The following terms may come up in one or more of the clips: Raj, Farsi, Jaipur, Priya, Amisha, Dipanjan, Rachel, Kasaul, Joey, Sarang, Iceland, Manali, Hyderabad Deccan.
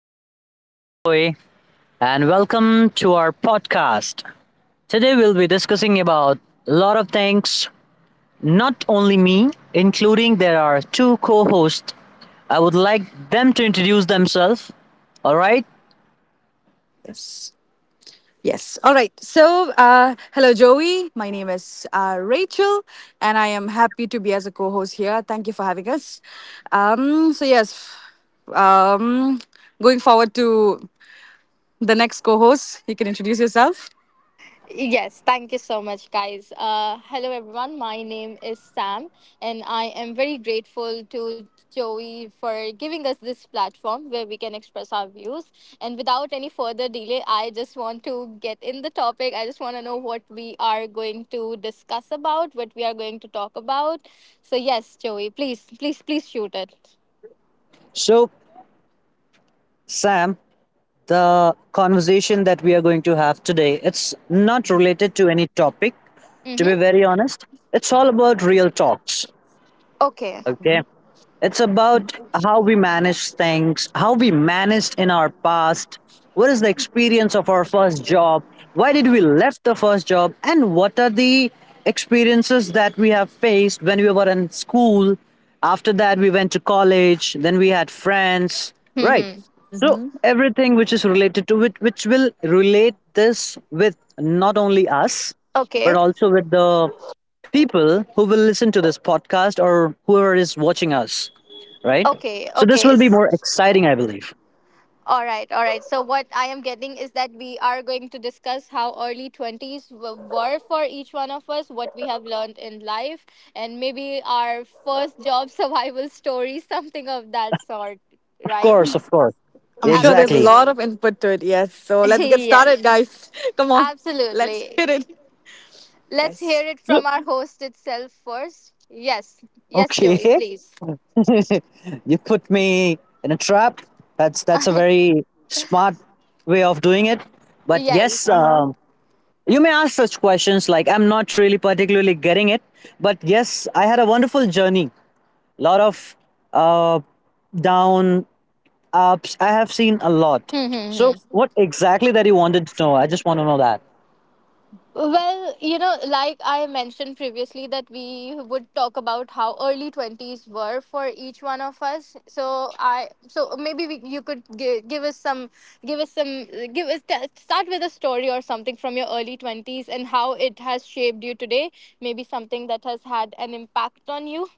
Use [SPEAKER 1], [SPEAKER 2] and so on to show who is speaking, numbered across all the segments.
[SPEAKER 1] My name is Joy, and welcome to our podcast. Today, we'll be discussing about a lot of things, not only me, including there are two co hosts. I would like them to introduce themselves. All right.
[SPEAKER 2] Yes. Yes. All right. So hello, Joey. My name is Rachel, and I am happy to be as a co host here. Thank you for having us. So yes, um, going forward to the next co host, you can introduce yourself.
[SPEAKER 3] Yes, thank you so much, guys. Hello, everyone. My name is Sam, and I am very grateful to Joey for giving us this platform where we can express our views. And without any further delay, I just want to get in the topic. I just want to know what we are going to discuss about, what we are going to talk about. So, yes, Joey, please shoot it.
[SPEAKER 1] So, Sam, the conversation that we are going to have today, it's not related to any topic. To be
[SPEAKER 3] Mm-hmm.
[SPEAKER 1] very honest, it's all about real talks.
[SPEAKER 3] Okay.
[SPEAKER 1] Okay. It's about how we manage things, how we managed in our past. What is the experience of our first job? Why did we left the first job? And what are the experiences that we have faced when we were in school? After that, we went to college. Then we had friends, right?
[SPEAKER 3] Mm-hmm.
[SPEAKER 1] So
[SPEAKER 2] hmm
[SPEAKER 1] everything which is related to it, which will relate this with not only us, but
[SPEAKER 3] Okay.
[SPEAKER 1] also with the people who will listen to this podcast or whoever is watching us, right?
[SPEAKER 3] Okay.
[SPEAKER 1] So this
[SPEAKER 3] Okay.
[SPEAKER 1] will be more exciting, I believe.
[SPEAKER 3] All right. So what I am getting is that we are going to discuss how early 20s were for each one of us, what we have learned in life, and maybe our first job survival story, something of that sort,
[SPEAKER 1] Of
[SPEAKER 3] right?
[SPEAKER 1] course, of course.
[SPEAKER 2] I'm sure there's a
[SPEAKER 1] Exactly.
[SPEAKER 2] lot
[SPEAKER 3] Absolutely.
[SPEAKER 2] of input to it. Yes. So let's get
[SPEAKER 3] Yes.
[SPEAKER 2] started, guys. Come on. Let's
[SPEAKER 3] Absolutely.
[SPEAKER 2] hit it.
[SPEAKER 3] Let's hear
[SPEAKER 2] Yes.
[SPEAKER 3] it
[SPEAKER 1] So,
[SPEAKER 3] from our host itself first. Yes. Yes,
[SPEAKER 1] okay.
[SPEAKER 3] Joey, please.
[SPEAKER 1] You put me in a trap. That's a very smart way of doing it. But yes,
[SPEAKER 2] Uh
[SPEAKER 3] Yes.
[SPEAKER 2] huh.
[SPEAKER 1] you may ask such questions. Like I'm not really particularly getting it, but yes, I had a wonderful journey. Lot of uh, down ups. I have seen a lot. So, what exactly that you wanted to know? I just want to know that.
[SPEAKER 3] Well, you know, like I mentioned previously, that we would talk about how early 20s were for each one of us. So maybe you could give, give us some, give us some, give us, t- start with a story or something from your early 20s and how it has shaped you today. Maybe something that has had an impact on you.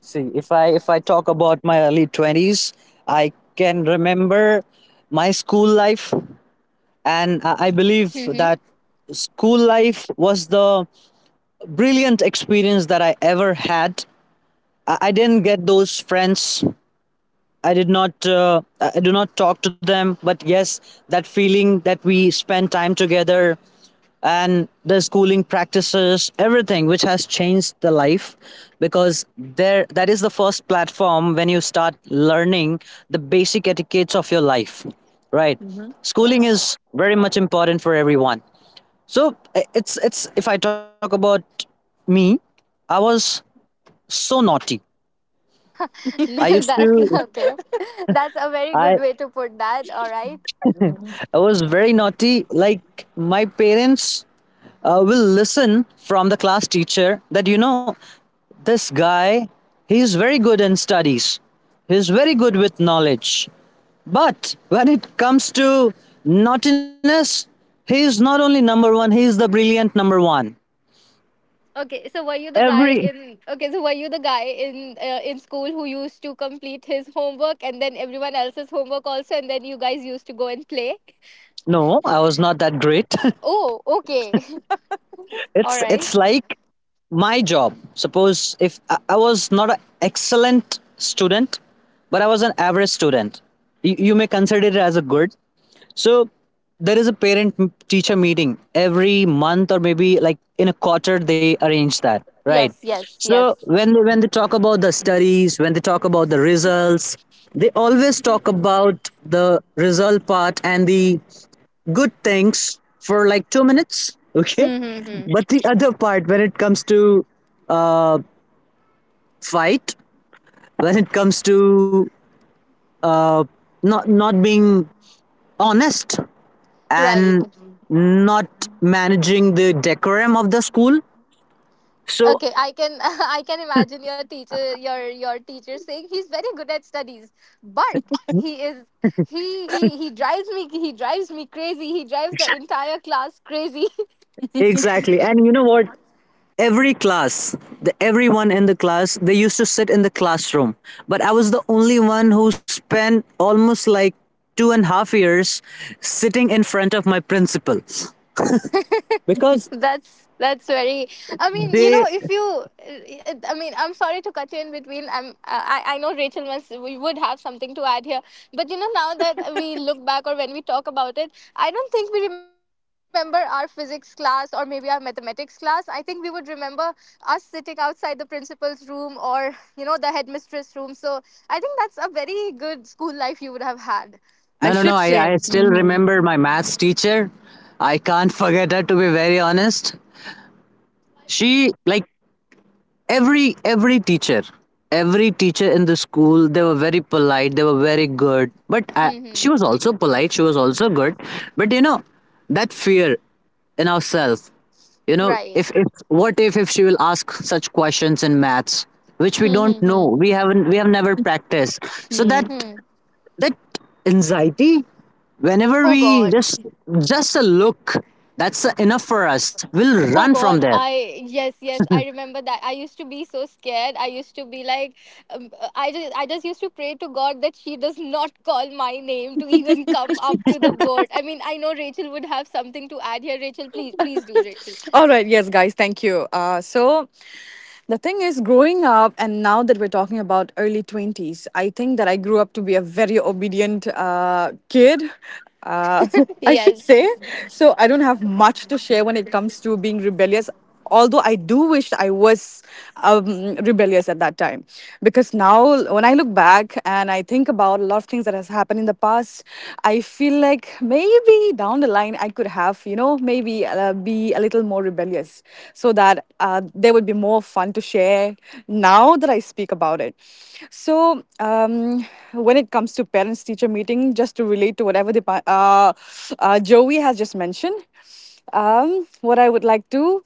[SPEAKER 1] See, if I talk about my early 20s, I can remember my school life, and I believe
[SPEAKER 3] Mm-hmm.
[SPEAKER 1] that school life was the brilliant experience that I ever had. I didn't get those friends. I did not, I do not talk to them, but yes, that feeling that we spend time together and the schooling practices, everything which has changed the life, because there, that is the first platform when you start learning the basic etiquettes of your life, right?
[SPEAKER 2] hmm
[SPEAKER 1] Schooling
[SPEAKER 2] Yes.
[SPEAKER 1] is very much important for everyone. So, it's if I talk about me, I was so naughty. i used
[SPEAKER 3] That's
[SPEAKER 1] to
[SPEAKER 3] okay. That's a very
[SPEAKER 1] i
[SPEAKER 3] good way to put that. All right.
[SPEAKER 2] Mm-hmm.
[SPEAKER 1] i was very naughty. Like, my parents will listen from the class teacher that, this guy, he is very good in studies, he is very good with knowledge, but when it comes to naughtiness, he is not only number one, he is the brilliant number one.
[SPEAKER 3] Okay, so were you the guy
[SPEAKER 1] Every
[SPEAKER 3] in okay, so were you the guy in school who used to complete his homework and then everyone else's homework also and then you guys used to go and play?
[SPEAKER 1] No, I was not that great.
[SPEAKER 3] Oh, okay.
[SPEAKER 1] it's
[SPEAKER 3] All
[SPEAKER 1] it's
[SPEAKER 3] right.
[SPEAKER 1] like my job. Suppose if i, I was not an excellent student, but I was an average student. You may consider it as a good. So there is a parent teacher meeting every month, or maybe like in a quarter they arrange that, right?
[SPEAKER 3] Yes, yes,
[SPEAKER 1] So
[SPEAKER 3] yes.
[SPEAKER 1] when they talk about the studies, when they talk about the results, they always talk about the result part and the good things for like 2 minutes.
[SPEAKER 3] Hmm,
[SPEAKER 1] Okay,
[SPEAKER 3] hmm, hmm.
[SPEAKER 1] but the other part, when it comes to fight, when it comes to, uh, not being honest
[SPEAKER 3] Right.
[SPEAKER 1] and not managing the decorum of the school. So
[SPEAKER 3] Okay, I can I can imagine your teacher saying he's very good at studies, but he is he he drives me crazy. He drives the entire class crazy.
[SPEAKER 1] exactly, and you know what? Every class, the everyone in the class, they used to sit in the classroom, but I was the only one who spent almost like 2.5 years sitting in front of my principal, because
[SPEAKER 3] That's very, I mean, you
[SPEAKER 1] they.
[SPEAKER 3] know, if you, I mean, I'm sorry to cut you in between. I know Rachel must, we would have something to add here, but you know, now that we look back or when we talk about it, I don't think we remember our physics class or maybe our mathematics class. I think we would remember us sitting outside the principal's room or, you know, the headmistress room. So I think that's a very good school life you would have had.
[SPEAKER 2] I
[SPEAKER 1] No, no, no,
[SPEAKER 2] should
[SPEAKER 1] I
[SPEAKER 2] say.
[SPEAKER 1] still
[SPEAKER 2] Mhm.
[SPEAKER 1] remember my maths teacher. I can't forget her, to be very honest. She, like, every teacher, every teacher in the school, they were very polite, they were very good, but
[SPEAKER 3] Hmm,
[SPEAKER 1] she
[SPEAKER 3] hmm.
[SPEAKER 1] was also polite, she was also good. But that fear in ourselves,
[SPEAKER 3] Right.
[SPEAKER 1] if what if she will ask such questions in maths which we
[SPEAKER 3] Hmm,
[SPEAKER 1] don't
[SPEAKER 3] hmm, hmm.
[SPEAKER 1] know, we haven't, we have never practiced. So
[SPEAKER 2] Hmm.
[SPEAKER 1] that
[SPEAKER 3] Hmm.
[SPEAKER 1] that anxiety, whenever
[SPEAKER 3] Oh
[SPEAKER 1] we
[SPEAKER 3] God.
[SPEAKER 1] just a look, that's enough for us, we'll run
[SPEAKER 3] Oh
[SPEAKER 1] from
[SPEAKER 3] God,
[SPEAKER 1] there.
[SPEAKER 3] I yes yes I remember that. I used to be so scared. I used to be like, I just used to pray to God that she does not call my name to even come up to the board. I mean, I know Rachel would have something to add here. Rachel, please do, Rachel.
[SPEAKER 2] All right, yes, guys, thank you. So the thing is, growing up, and now that we're talking about early 20s, I think that I grew up to be a very obedient kid. Uh, I should
[SPEAKER 3] Yes.
[SPEAKER 2] say. So I don't have much to share when it comes to being rebellious. Although I do wish I was rebellious at that time. Because now, when I look back and I think about a lot of things that has happened in the past, I feel like maybe down the line I could have, you know, maybe be a little more rebellious, so that there would be more fun to share now that I speak about it. So, um, when it comes to parents teacher meeting, just to relate to whatever the uh, Joey has just mentioned, um, what I would like to,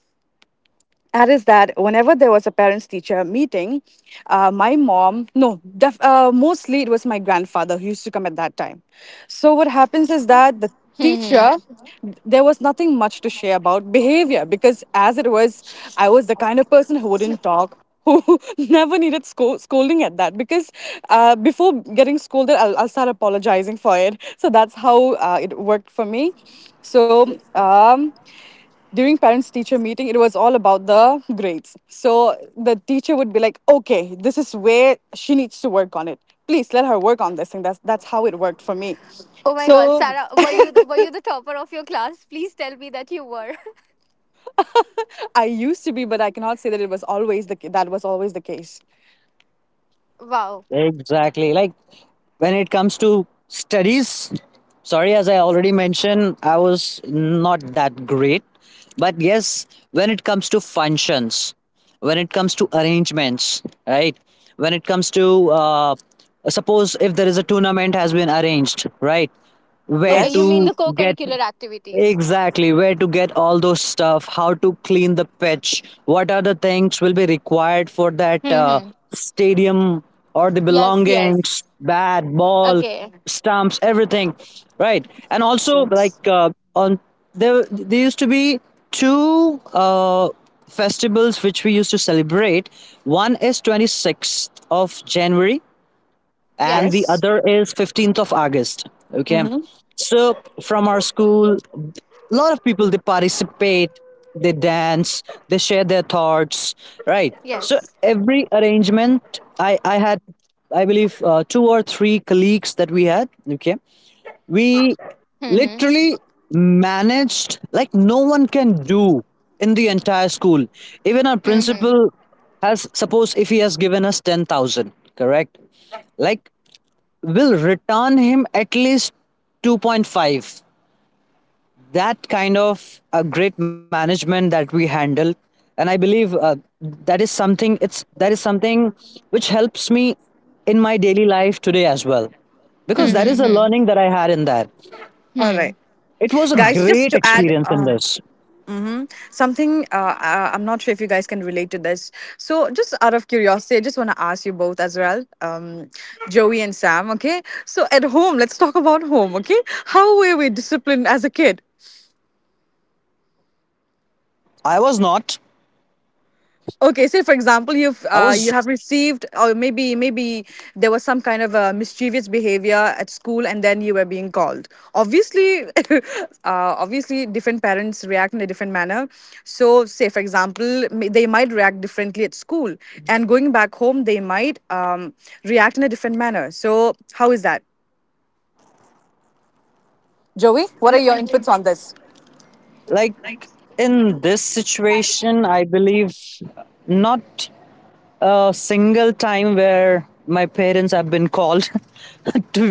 [SPEAKER 2] that is that whenever there was a parents teacher meeting, my mom, no def, mostly it was my grandfather who used to come at that time. So what happens is that the
[SPEAKER 3] Hmm.
[SPEAKER 2] teacher, there was nothing much to share about behavior because as it was, I was the kind of person who wouldn't talk, who never needed scolding at that, because before getting scolded, I'll start apologizing for it. So that's how it worked for me. So, during parents teacher meeting it was all about the grades. So the teacher would be like, okay, this is where she needs to work on it, please let her work on this thing. That's how it worked for me.
[SPEAKER 3] Oh my God,
[SPEAKER 2] So
[SPEAKER 3] Sarah, were you the topper of your class? Please tell me that you were.
[SPEAKER 2] I used to be, but I cannot say that it was always that was always the case.
[SPEAKER 3] Wow.
[SPEAKER 1] Exactly. Like, when it comes to studies, sorry, as I already mentioned, I was not that great. But yes, when it comes to functions, when it comes to arrangements, right? When it comes to, suppose if there is a tournament has been arranged, right? Where
[SPEAKER 3] Okay, you
[SPEAKER 2] Yes.
[SPEAKER 3] mean
[SPEAKER 1] to
[SPEAKER 3] the
[SPEAKER 1] get.
[SPEAKER 3] co-curricular activities?
[SPEAKER 1] Exactly, where to get all those stuff, how to clean the pitch, what are the things will be required for that
[SPEAKER 3] Hmm.
[SPEAKER 1] stadium, or the
[SPEAKER 3] Yes, yes.
[SPEAKER 1] belongings, bat,
[SPEAKER 3] Okay.
[SPEAKER 1] ball, stumps, everything, right? And also,
[SPEAKER 2] Yes.
[SPEAKER 1] like, on there used to be two festivals which we used to celebrate. One is 26th of January, and the
[SPEAKER 3] Yes,
[SPEAKER 2] Yes.
[SPEAKER 1] other is 15th of August. Okay,
[SPEAKER 2] Mm-hmm.
[SPEAKER 1] so from our school, a lot of people, they participate, they dance, they share their thoughts, right? So
[SPEAKER 3] yes.
[SPEAKER 1] every arrangement, I had, I believe, two or three colleagues that we had. Okay, we
[SPEAKER 3] Hmm, hmm.
[SPEAKER 1] literally managed like no one can do in the entire school. Even our
[SPEAKER 3] Hmm. Hmm.
[SPEAKER 1] principal has, suppose if he has given us 10,000, correct, like will return him at least 2.5. That kind of a great management that we handle, and I believe, that is something. It's, that is something which helps me in my daily life today as well, because that
[SPEAKER 3] Hmm.
[SPEAKER 2] Mm-hmm.
[SPEAKER 1] is a
[SPEAKER 3] Hmm.
[SPEAKER 1] learning that I had in that.
[SPEAKER 2] All
[SPEAKER 3] Hmm.
[SPEAKER 2] right,
[SPEAKER 1] It was a
[SPEAKER 2] guys. Just
[SPEAKER 1] great
[SPEAKER 2] to add,
[SPEAKER 1] experience in
[SPEAKER 2] uh,
[SPEAKER 1] this.
[SPEAKER 2] Mm-hmm. Something, I'm not sure if you guys can relate to this. So, just out of curiosity, I just want to ask you both as well, Joey and Sam. Okay, so at home, let's talk about home. Okay, how were we disciplined as a kid?
[SPEAKER 1] I was not.
[SPEAKER 2] Okay, say for example,
[SPEAKER 1] I
[SPEAKER 2] you
[SPEAKER 1] was
[SPEAKER 2] have received, or maybe there was some kind of mischievous behavior at school, and then you were being called. Obviously, obviously, different parents react in a different manner. So, say for example, they might react differently at school, and going back home, they might react in a different manner. So, how is that, Joey? What are your inputs on this?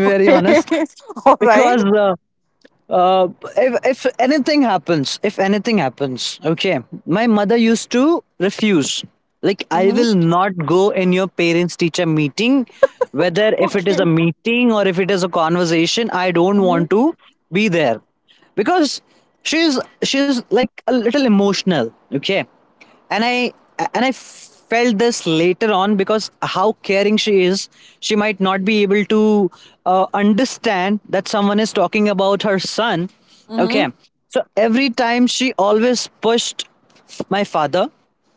[SPEAKER 2] All right. Mm-hmm. Okay. Mm-hmm. Mm-hmm.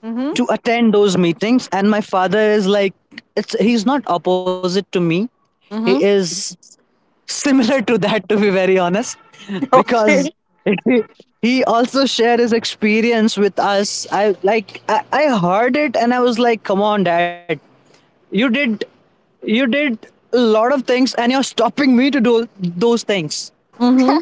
[SPEAKER 2] Mm-hmm. Mm-hmm. Okay. Mm-hmm.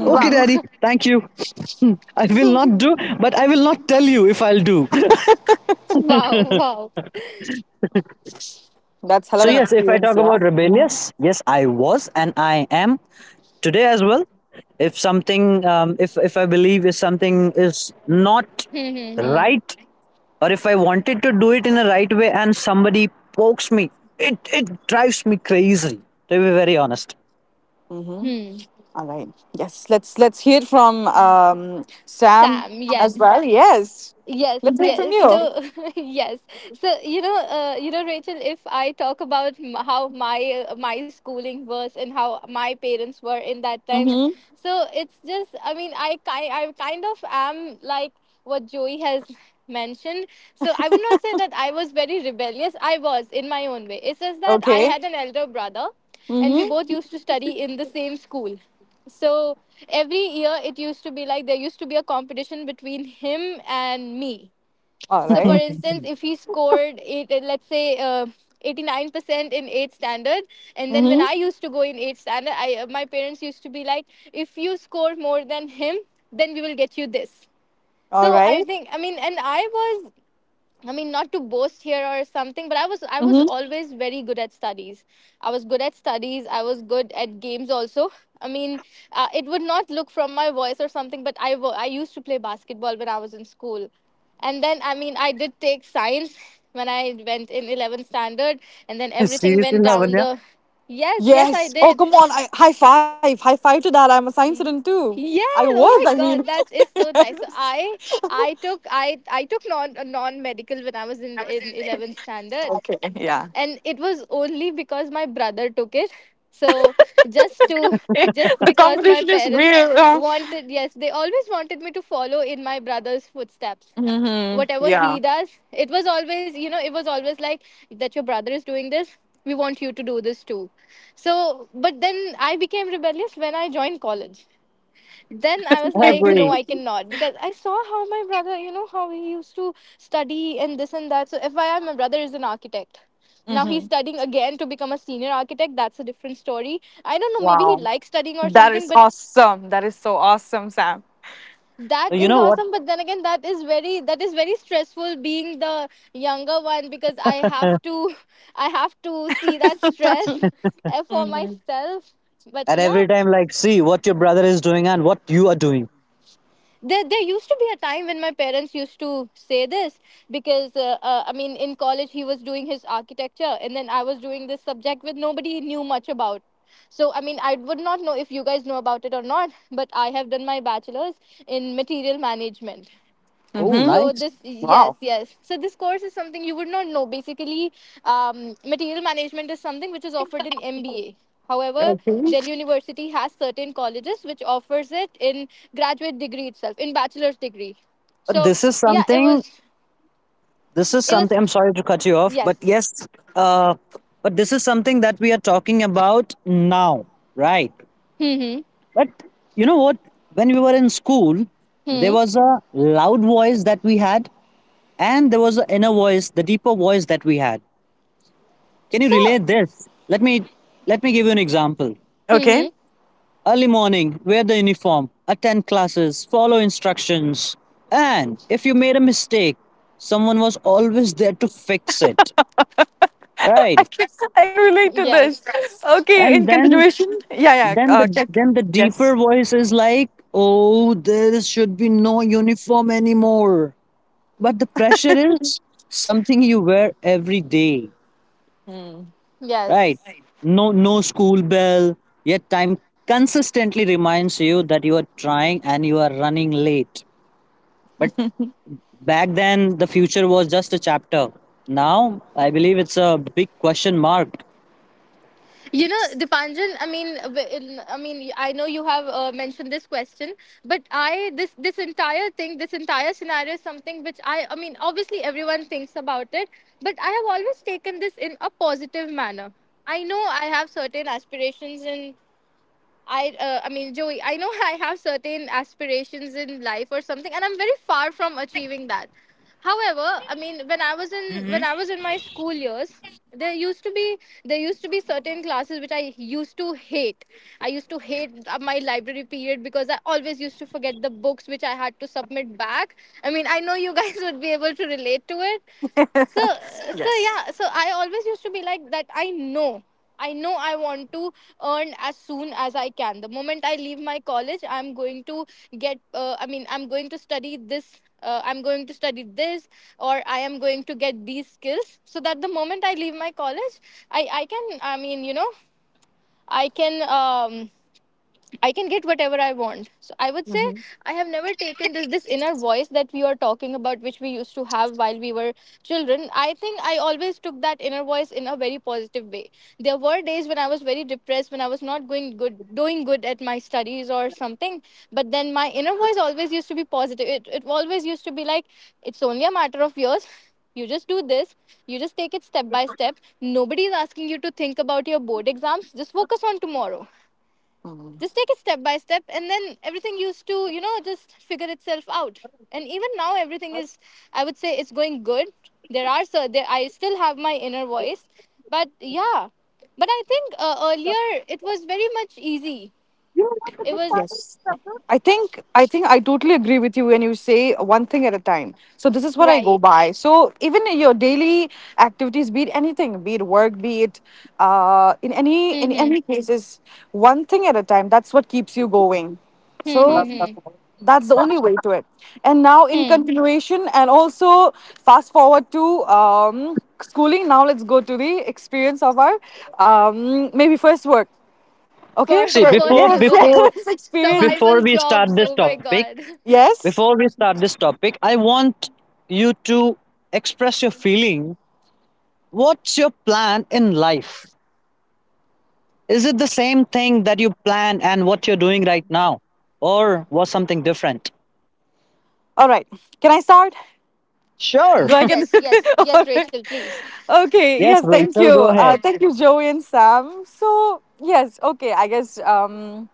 [SPEAKER 3] Wow. Wow. Wow.
[SPEAKER 2] That's hell of an
[SPEAKER 3] So.
[SPEAKER 2] experience, yeah.
[SPEAKER 3] Hmm. Hmm. Hmm.
[SPEAKER 2] Mm-hmm.
[SPEAKER 3] Hmm.
[SPEAKER 2] All right. Yes, let's hear it from Sam
[SPEAKER 3] Sam.
[SPEAKER 2] as
[SPEAKER 3] Yes.
[SPEAKER 2] well. Yes,
[SPEAKER 3] Yes,
[SPEAKER 2] let's hear it from
[SPEAKER 3] yes.
[SPEAKER 2] you.
[SPEAKER 3] So, yes. So you know, Rachel. If I talk about how my my schooling was and how my parents were in that time,
[SPEAKER 2] Mm-hmm.
[SPEAKER 3] so it's just. I mean, I kind of am like what Joey has mentioned. So I would not say that I was very rebellious. I was in my own way. It's just that I
[SPEAKER 2] Okay.
[SPEAKER 3] had an elder brother, and we both
[SPEAKER 2] Mm-hmm.
[SPEAKER 3] used to study in the same school. So every year it used to be like there used to be a competition between him and me.
[SPEAKER 2] All
[SPEAKER 3] So for
[SPEAKER 2] right.
[SPEAKER 3] instance, if he scored eight, let's say 89% in 8th standard, and then when
[SPEAKER 2] Mm-hmm.
[SPEAKER 3] I used to go in 8th standard, I my parents used to be like, if you score more than him, then we will get you this.
[SPEAKER 2] All
[SPEAKER 3] So I
[SPEAKER 2] right.
[SPEAKER 3] think, I mean, and I was I mean, not to boast here or something, but I was
[SPEAKER 2] Mm-hmm.
[SPEAKER 3] always very good at studies. I was good at studies. I was good at games also. I mean, it would not look from my voice or something, but I used to play basketball when I was in school, and then I mean I did take science when I went in 11th standard, and then everything went down the. Yes, yes, I
[SPEAKER 2] Yes. Oh,
[SPEAKER 3] did.
[SPEAKER 2] come on! I, high five! High five to that! I'm a science student too. I
[SPEAKER 3] Yes.
[SPEAKER 2] was.
[SPEAKER 3] Oh
[SPEAKER 2] I
[SPEAKER 3] my
[SPEAKER 2] mean.
[SPEAKER 3] God, that is so nice. So
[SPEAKER 2] Yes.
[SPEAKER 3] I took non medical when I was in 11th standard,
[SPEAKER 2] Okay. Yeah.
[SPEAKER 3] and it was only because my brother took it. So just to just
[SPEAKER 2] The
[SPEAKER 3] because my
[SPEAKER 2] competition is
[SPEAKER 3] parents
[SPEAKER 2] real.
[SPEAKER 3] wanted, yes, they always wanted me to follow in my brother's footsteps.
[SPEAKER 2] Mm-hmm.
[SPEAKER 3] Whatever he
[SPEAKER 2] Yeah.
[SPEAKER 3] does, it was always, you know, it was always like that your brother is doing this, we want you to do this too. So but then I became rebellious when I joined college. Then I was like, no, I cannot, because I saw how my brother, you know, how he used to study and this and that. So, FYI, my brother is an architect. Now he's
[SPEAKER 2] Mm-hmm.
[SPEAKER 3] studying again to become a senior architect. That's a different story. I don't know, maybe he
[SPEAKER 2] Wow.
[SPEAKER 3] likes studying or
[SPEAKER 2] That
[SPEAKER 3] something,
[SPEAKER 2] is
[SPEAKER 3] but
[SPEAKER 2] awesome. That is so awesome, Sam.
[SPEAKER 3] that is awesome. But then again, that is very, that is very stressful being the younger one, because I have to I have to see that stress for
[SPEAKER 2] Mhm.
[SPEAKER 3] myself. But yeah, there used to be a time when my parents used to say this, because I mean in college he was doing his architecture and then I was doing this subject with nobody knew much about. So I mean, I would not know if you guys know about it or not, but I have done my bachelor's in material management.
[SPEAKER 2] Mm-hmm.
[SPEAKER 3] So this, yes, yes, so this course is something you would not know, basically. Material management is something which is offered in MBA, however Delhi University has certain colleges which offers it in graduate degree itself, in bachelor's degree. So yeah, it was, it was, yes. Hmm, hmm. So
[SPEAKER 2] Okay.
[SPEAKER 3] hmm.
[SPEAKER 2] I can, I can relate to this.
[SPEAKER 3] Yes,
[SPEAKER 2] Okay, in continuation. Yeah, yeah. Check. Yes. Hmm.
[SPEAKER 3] yes. You know, Dipanjan, I mean, I know you have mentioned this question, but I, this entire thing, this entire scenario is something which I mean, obviously everyone thinks about it, but I have always taken this in a positive manner. I know I have certain aspirations in, I mean, Joey, I know I have certain aspirations in life or something, and I'm very far from achieving that. However, I mean, when I was in my school years, there used to be there used to be certain classes which I used to hate. I used to hate my library period because I always used to forget the books which I had to submit back. I mean, I know you guys would be able to relate to it. So, so
[SPEAKER 2] Yes.
[SPEAKER 3] yeah, so I always used to be like that. I know, I know I want to earn as soon as I can. The moment I leave my college, I'm going to get, I mean, I'm going to study this, or I am going to get these skills, so that the moment I leave my college, I mean, you know, I can. I can get whatever I want. So I would say
[SPEAKER 2] Mm-hmm.
[SPEAKER 3] I have never taken this inner voice that we are talking about, which we used to have while we were children. I think I always took that inner voice in a very positive way. There were days when I was very depressed, when I was not going good, doing good at my studies or something. But then my inner voice always used to be positive. It always used to be like, it's only a matter of years. You just do this. You just take it step by step. Nobody is asking you to think about your board exams. Just focus on tomorrow,
[SPEAKER 2] Mm.
[SPEAKER 3] just take it step by step, and then everything used to, you know, just figure itself out. And even now everything is, I would say, it's going good. There are so there I still have my inner voice, but yeah, but I think earlier it was very much easy. It was
[SPEAKER 2] Yes. I think I think I totally agree with you when you say one thing at a time. So this is what I go
[SPEAKER 3] right.
[SPEAKER 2] by. So even in your daily activities, be it anything, be it work, be it in any, in
[SPEAKER 3] Mm-hmm.
[SPEAKER 2] any cases, one thing at a time. That's what keeps you going.
[SPEAKER 3] Hmm,
[SPEAKER 2] So
[SPEAKER 3] hmm, hmm.
[SPEAKER 2] that's the only way to it. And now in
[SPEAKER 3] Hmm.
[SPEAKER 2] continuation and also fast forward to schooling, now let's go to the experience of our maybe first work,
[SPEAKER 3] For for you,
[SPEAKER 2] Yes,
[SPEAKER 3] okay,
[SPEAKER 2] yes, experience
[SPEAKER 3] survival jobs, oh my God.
[SPEAKER 2] yes all right, can I start? Do I get
[SPEAKER 3] Yes, yes,
[SPEAKER 2] all
[SPEAKER 3] yes,
[SPEAKER 2] right?
[SPEAKER 3] Rachel, please.
[SPEAKER 2] Okay, yes, thank you. Thank you, Joey and Sam. So, yes, okay, I guess,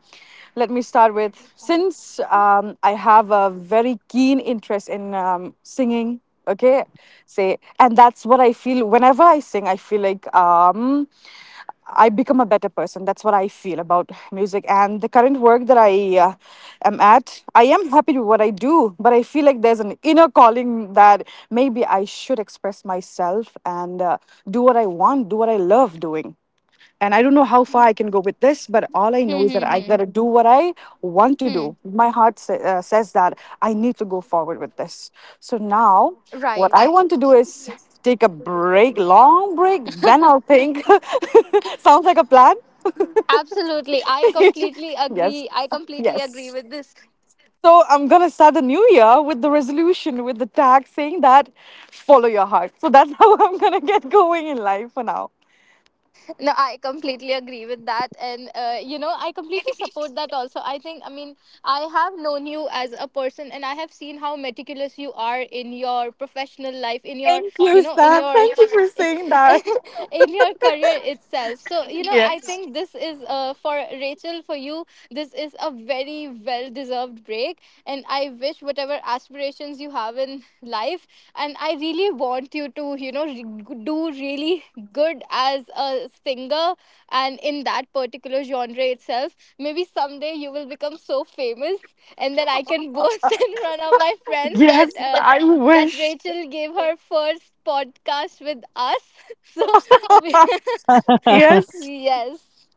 [SPEAKER 2] let me start with, since I have a very keen interest in singing, okay, say, and that's what I feel whenever I sing, I feel like, um, I become a better person. That's what I feel about music. And the current work that I am at, I am happy with what I do, but I feel like there's an inner calling that maybe I should express myself and do what I want, do what I love doing. And I don't know how far I can go with this, but all I
[SPEAKER 3] Hmm,
[SPEAKER 2] know is
[SPEAKER 3] hmm,
[SPEAKER 2] that I
[SPEAKER 3] hmm.
[SPEAKER 2] got to do what I want to
[SPEAKER 3] Hmm.
[SPEAKER 2] do. My heart says that I need to go forward with this. So now, what I
[SPEAKER 3] Right.
[SPEAKER 2] want to do is take a break, long break, then I'll think. Sounds like a plan.
[SPEAKER 3] Absolutely. I completely
[SPEAKER 2] Yes,
[SPEAKER 3] agree. I completely agree
[SPEAKER 2] yes.
[SPEAKER 3] with this.
[SPEAKER 2] So I'm gonna start the new year with the resolution, with the tag saying that follow your heart. So that's how I'm gonna get going in life for now.
[SPEAKER 3] No, I completely agree with that. And, you know, I completely support that also. I think, I mean, I have known you as a person and I have seen how meticulous you are in your professional life, in your,
[SPEAKER 2] Thank
[SPEAKER 3] you
[SPEAKER 2] you,
[SPEAKER 3] know, in
[SPEAKER 2] Stan.
[SPEAKER 3] your.
[SPEAKER 2] Thank you for saying that.
[SPEAKER 3] In your career itself. So you know, I
[SPEAKER 2] Yes.
[SPEAKER 3] think this is, for Rachel, for you, this is a very well deserved break, and I wish, whatever aspirations you have in life. And I really want you to, you know, do really good as a singer and in that particular genre itself. Maybe someday you will become so famous, and then I can boast in front of my friends that.
[SPEAKER 2] Yes, I
[SPEAKER 3] That
[SPEAKER 2] wish.
[SPEAKER 3] Rachel gave her first podcast with us. So,
[SPEAKER 2] Yes.
[SPEAKER 3] yes,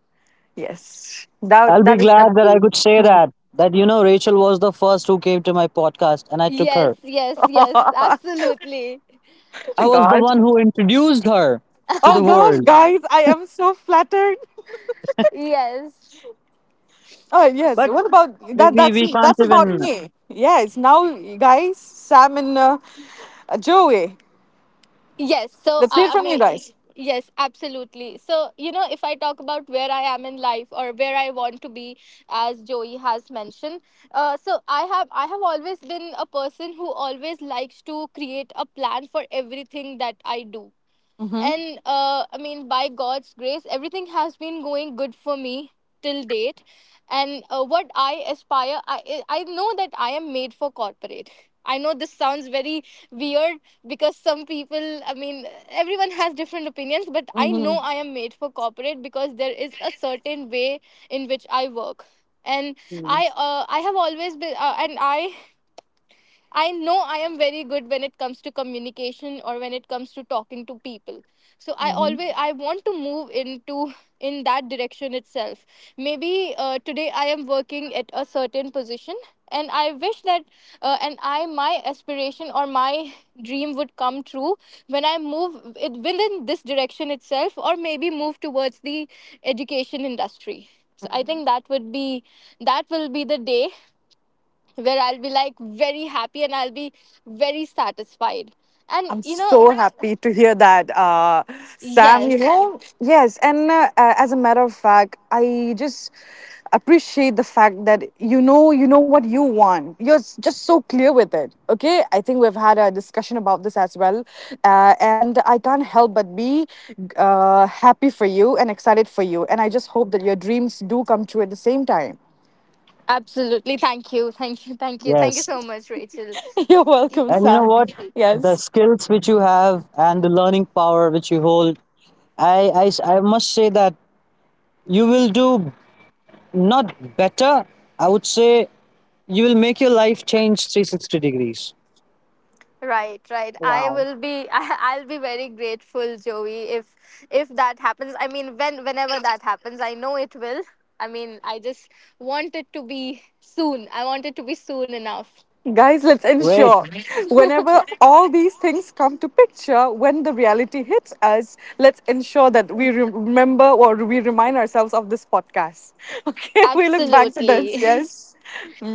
[SPEAKER 2] Yes. That
[SPEAKER 1] I'll be
[SPEAKER 2] that is
[SPEAKER 1] glad
[SPEAKER 2] gonna
[SPEAKER 1] that I
[SPEAKER 2] be.
[SPEAKER 1] could say
[SPEAKER 2] Hmm.
[SPEAKER 1] that. That, Rachel was the first who came to my podcast and took her.
[SPEAKER 3] yes, absolutely.
[SPEAKER 1] I was the
[SPEAKER 2] God.
[SPEAKER 1] one who introduced her to the
[SPEAKER 2] Oh gosh,
[SPEAKER 1] world.
[SPEAKER 2] guys, I am so flattered.
[SPEAKER 3] Yes.
[SPEAKER 2] Oh yes.
[SPEAKER 1] But
[SPEAKER 2] What about
[SPEAKER 1] we,
[SPEAKER 2] that?
[SPEAKER 1] we,
[SPEAKER 2] That's
[SPEAKER 1] we
[SPEAKER 2] me.
[SPEAKER 1] can't
[SPEAKER 2] That's about
[SPEAKER 1] even,
[SPEAKER 2] me. Yes. Now, guys, Sam and Joey.
[SPEAKER 3] Yes, so uh,
[SPEAKER 2] Let's hear
[SPEAKER 3] I
[SPEAKER 2] from you
[SPEAKER 3] mean,
[SPEAKER 2] guys.
[SPEAKER 3] yes, absolutely. So, you know, if I talk about where I am in life or where I want to be, as Joey has mentioned, so I have always been a person who always likes to create a plan for everything that I do.
[SPEAKER 2] Mm-hmm.
[SPEAKER 3] And I mean, by God's grace, everything has been going good for me till date. And what I aspire, I know that I am made for corporate. I know this sounds very weird, because some people, I mean, everyone has different opinions, but I
[SPEAKER 2] Mm-hmm.
[SPEAKER 3] know I am made for corporate because there is a certain way in which I work. And
[SPEAKER 2] Mm-hmm.
[SPEAKER 3] I have always been and I know I am very good when it comes to communication or when it comes to talking to people. So
[SPEAKER 2] Mm-hmm.
[SPEAKER 3] I want to move into, in that direction itself. Maybe today I am working at a certain position, and I wish that, and I my aspiration or my dream would come true when I move it within this direction itself, or maybe move towards the education industry. So I think that would be, that will be the day where I'll be like very happy and I'll be very satisfied. And
[SPEAKER 2] I'm
[SPEAKER 3] you know,
[SPEAKER 2] so happy to hear that, Sam. You
[SPEAKER 3] yes,
[SPEAKER 2] know, yes, and as a matter of fact, I just appreciate the fact that, you know what you want. Just so clear with it. Okay, I think we've had a discussion about this as well, and I can't help but be happy for you and excited for you. And I just hope that your dreams do come true at the same time.
[SPEAKER 3] absolutely. Thank you. Thank you
[SPEAKER 1] yes.
[SPEAKER 3] so much, Rachel.
[SPEAKER 2] You're welcome,
[SPEAKER 1] And you know
[SPEAKER 2] Sam.
[SPEAKER 1] what? The
[SPEAKER 2] Yes.
[SPEAKER 1] skills which you have and the learning power which you hold, I must say that you will do, not better. I would say you will make your life change 360 degrees.
[SPEAKER 3] Right, right. I
[SPEAKER 2] Wow.
[SPEAKER 3] will be I, will be very grateful, Joey, if that happens. I mean, when whenever that happens, I know it will. I mean, I just want it to be soon. I want it to be soon enough.
[SPEAKER 2] Guys, let's
[SPEAKER 1] Great,
[SPEAKER 2] ensure, whenever all these things come to picture, when the reality hits us, let's ensure that we remember, or we remind ourselves of this podcast. Okay, we look back to this.
[SPEAKER 3] Absolutely.
[SPEAKER 2] Yes.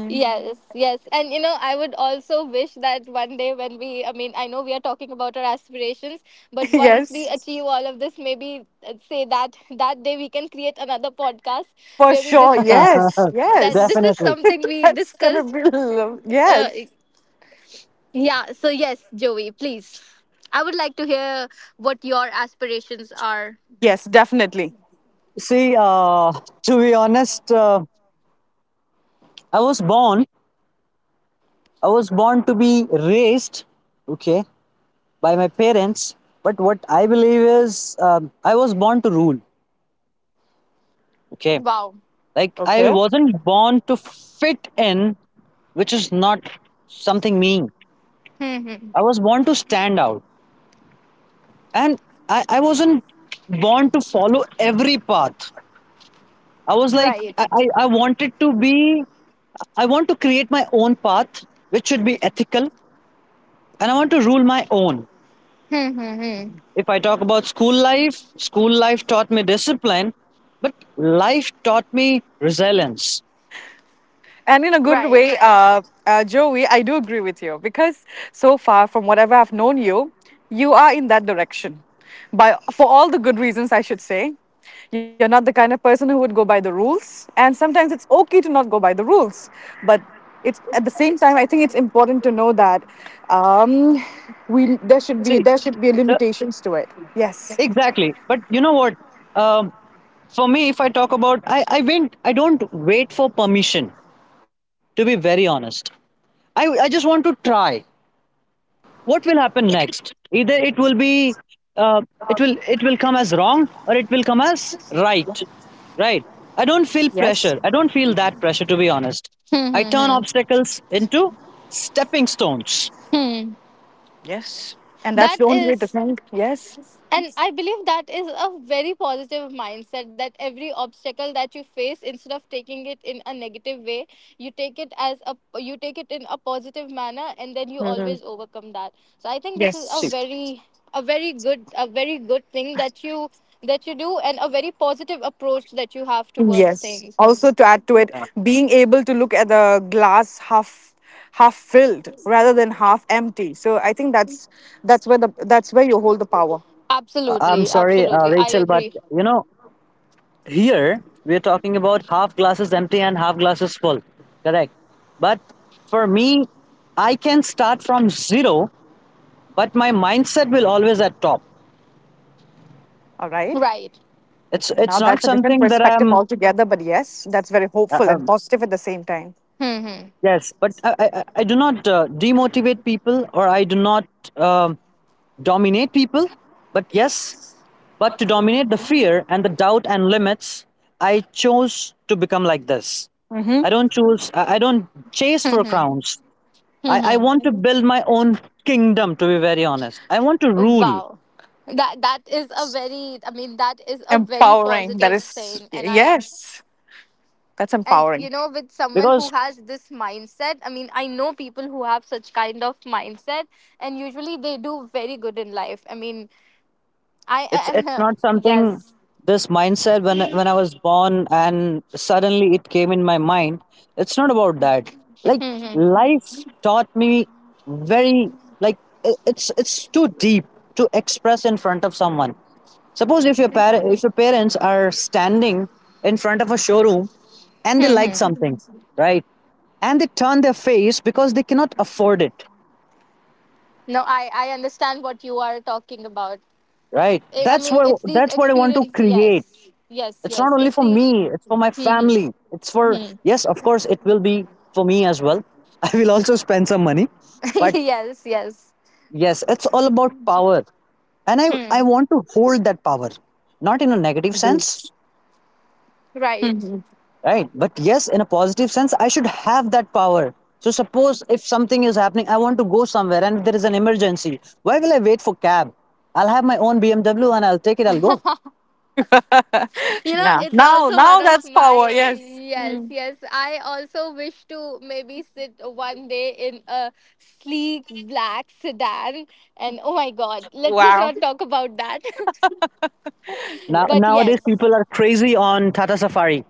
[SPEAKER 3] Yes, yes. And you know, I would also wish that one day when we, I mean, I know we are talking about our aspirations, but once we
[SPEAKER 2] Yes,
[SPEAKER 3] achieve all of this, maybe, say that that day we can create another podcast
[SPEAKER 2] for
[SPEAKER 3] where we
[SPEAKER 2] sure.
[SPEAKER 3] discuss
[SPEAKER 2] Yes.
[SPEAKER 3] that
[SPEAKER 2] Yes.
[SPEAKER 3] this is
[SPEAKER 1] definitely.
[SPEAKER 3] something we
[SPEAKER 2] That's gonna
[SPEAKER 3] discussed.
[SPEAKER 2] be
[SPEAKER 3] Uh,
[SPEAKER 2] yes,
[SPEAKER 3] yeah, so yes, Joey, please. I would like to hear what your aspirations are.
[SPEAKER 2] yes, definitely.
[SPEAKER 1] See, to be honest, I was born I was born to be raised, okay, by my parents. But what I believe is, I was born to rule, okay.
[SPEAKER 3] Wow.
[SPEAKER 1] Like,
[SPEAKER 2] Okay.
[SPEAKER 1] I wasn't born to fit in, which is not something mean.
[SPEAKER 3] Hmm, hmm.
[SPEAKER 1] I was born to stand out, and I wasn't born to follow every path. I was like,
[SPEAKER 3] Right.
[SPEAKER 1] I wanted to be, I want to create my own path, which should be ethical, and I want to rule my own.
[SPEAKER 3] Hmm, hmm, hmm.
[SPEAKER 1] If I talk about school life taught me discipline, but life taught me resilience.
[SPEAKER 2] And in a good
[SPEAKER 3] Right.
[SPEAKER 2] way, Joey, I do agree with you, because so far, from whatever I've known you, you are in that direction. By for all the good reasons, I should say, you're not the kind of person who would go by the rules, and sometimes it's okay to not go by the rules. But it's at the same time, I think it's important to know that, um, we there should be,
[SPEAKER 1] See,
[SPEAKER 2] there should be
[SPEAKER 1] the,
[SPEAKER 2] limitations to it. Yes.
[SPEAKER 1] exactly. But you know what? Um, for me, if I talk about, I don't wait for permission, to be very honest. I just want to try what will happen next. Either it will be, uh, it will come as wrong, or it will come as right, right? I don't feel
[SPEAKER 2] Yes.
[SPEAKER 1] pressure, I don't feel that pressure, to be honest.
[SPEAKER 4] Hmm,
[SPEAKER 1] I
[SPEAKER 4] hmm,
[SPEAKER 1] turn
[SPEAKER 4] hmm,
[SPEAKER 1] obstacles into stepping stones.
[SPEAKER 4] hmm.
[SPEAKER 2] Yes. And that's
[SPEAKER 4] that
[SPEAKER 2] the only way to
[SPEAKER 4] is
[SPEAKER 2] think. Yes.
[SPEAKER 4] And I believe that is a very positive mindset that every obstacle that you face, instead of taking it in a negative way, you take it as a you take it in a positive manner, and then you
[SPEAKER 2] Mhm.
[SPEAKER 4] always overcome that. So I think this is
[SPEAKER 1] See,
[SPEAKER 2] Yes.
[SPEAKER 4] a very good thing that you do, and a very positive approach that you have towards
[SPEAKER 2] Yes.
[SPEAKER 4] things.
[SPEAKER 2] Also, to add to it,
[SPEAKER 1] uh,
[SPEAKER 2] being able to look at the glass half filled rather than half empty. So I think that's where the, that's where you hold the power.
[SPEAKER 1] I am
[SPEAKER 4] Absolutely,
[SPEAKER 1] sorry,
[SPEAKER 4] absolutely, I
[SPEAKER 1] Rachel, but
[SPEAKER 4] agree.
[SPEAKER 1] you know, here we are talking about half glasses empty and half glasses full, correct? But for me, I can start from zero, but my mindset will always at top.
[SPEAKER 2] All right.
[SPEAKER 4] Right.
[SPEAKER 1] It's
[SPEAKER 2] Now
[SPEAKER 1] not
[SPEAKER 2] that's a different
[SPEAKER 1] something that
[SPEAKER 2] perspective
[SPEAKER 1] I'm.
[SPEAKER 2] altogether, but yes, that's very
[SPEAKER 1] Uh,
[SPEAKER 2] hopeful and
[SPEAKER 1] um,
[SPEAKER 2] positive at the same time.
[SPEAKER 4] Hmm.
[SPEAKER 1] yes, but I do not, demotivate people, or I do not, um, dominate people. But yes, but to dominate the fear and the doubt and limits, I chose to become like this.
[SPEAKER 2] Mm-hmm.
[SPEAKER 1] I don't choose, I don't chase for crowns. I want to build my own kingdom, to be very honest. I want to rule,
[SPEAKER 4] Wow. That is a very, I mean, that is a very
[SPEAKER 2] Empowering. That
[SPEAKER 4] positive
[SPEAKER 2] is
[SPEAKER 4] saying, and I...
[SPEAKER 2] yes. That's
[SPEAKER 4] And
[SPEAKER 2] empowering.
[SPEAKER 4] with someone who
[SPEAKER 1] because
[SPEAKER 4] has this mindset, I mean, I know people who have such kind of mindset, and usually they do very good in life. I mean, I...
[SPEAKER 1] it's not
[SPEAKER 4] And
[SPEAKER 1] something.
[SPEAKER 4] yes.
[SPEAKER 1] This mindset, when I was born, and suddenly it came in my mind, it's not about that. Like,
[SPEAKER 4] Hmm, hmm.
[SPEAKER 1] life taught me very, like, it's too deep to express in front of someone. Suppose if your par- if your parents are standing in front of a showroom, and
[SPEAKER 4] Hmm,
[SPEAKER 1] they like
[SPEAKER 4] hmm.
[SPEAKER 1] something, right, and they turn their face because they cannot afford it,
[SPEAKER 4] No, I understand what you are talking about.
[SPEAKER 1] right?
[SPEAKER 4] I
[SPEAKER 1] that's
[SPEAKER 4] mean
[SPEAKER 1] what
[SPEAKER 4] it's these
[SPEAKER 1] that's what I want to
[SPEAKER 4] experience,
[SPEAKER 1] create.
[SPEAKER 4] yes. Yes,
[SPEAKER 1] It's not
[SPEAKER 4] yes.
[SPEAKER 1] only
[SPEAKER 4] It's
[SPEAKER 1] for
[SPEAKER 4] these...
[SPEAKER 1] me, it's for my
[SPEAKER 4] Hmm,
[SPEAKER 1] family, it's for,
[SPEAKER 4] hmm.
[SPEAKER 1] yes, of course it will be for me as well. I will also spend some money, but
[SPEAKER 4] yes, yes.
[SPEAKER 1] yes, it's all about power, and I
[SPEAKER 4] Hmm.
[SPEAKER 1] want to hold that power, not in a negative
[SPEAKER 2] Agreed.
[SPEAKER 1] sense,
[SPEAKER 4] Right.
[SPEAKER 2] Mhm.
[SPEAKER 1] right, but yes, in a positive sense, I should have that power. So suppose if something is happening, I want to go somewhere and there is an emergency, why will I wait for cab? I'll have my own BMW and I'll take it, I'll go.
[SPEAKER 4] You know,
[SPEAKER 2] Yeah.
[SPEAKER 4] it's
[SPEAKER 2] Now,
[SPEAKER 4] also one
[SPEAKER 2] now
[SPEAKER 4] of
[SPEAKER 2] that's power.
[SPEAKER 4] my...
[SPEAKER 2] Yes.
[SPEAKER 4] Yes,
[SPEAKER 2] Mm.
[SPEAKER 4] yes. I also wish to maybe sit one day in a sleek black sedan, and oh my god, let's just
[SPEAKER 2] Wow.
[SPEAKER 4] not talk about that.
[SPEAKER 1] Now,
[SPEAKER 4] But
[SPEAKER 2] Yes.
[SPEAKER 1] nowadays
[SPEAKER 4] yes.
[SPEAKER 1] people are crazy on Tata Safari.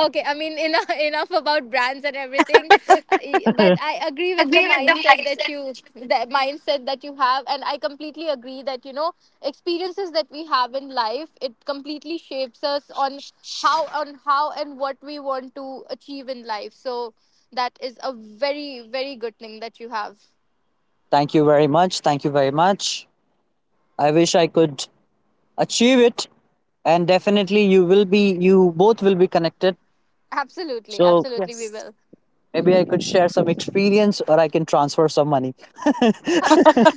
[SPEAKER 4] Okay, I mean, enough, enough about brands and everything. But I agree with the mindset that the mindset that you have, and I completely agree that you know experiences that we have in life, it completely shapes us on how and what we want to achieve in life. So that is a very, very good thing that you have.
[SPEAKER 1] Thank you very much, thank you very much. I wish I could achieve it, and definitely you both will be connected.
[SPEAKER 4] Absolutely,
[SPEAKER 1] So
[SPEAKER 4] absolutely, we
[SPEAKER 2] Yes.
[SPEAKER 4] will.
[SPEAKER 1] maybe I could share some experience, or I can transfer some money.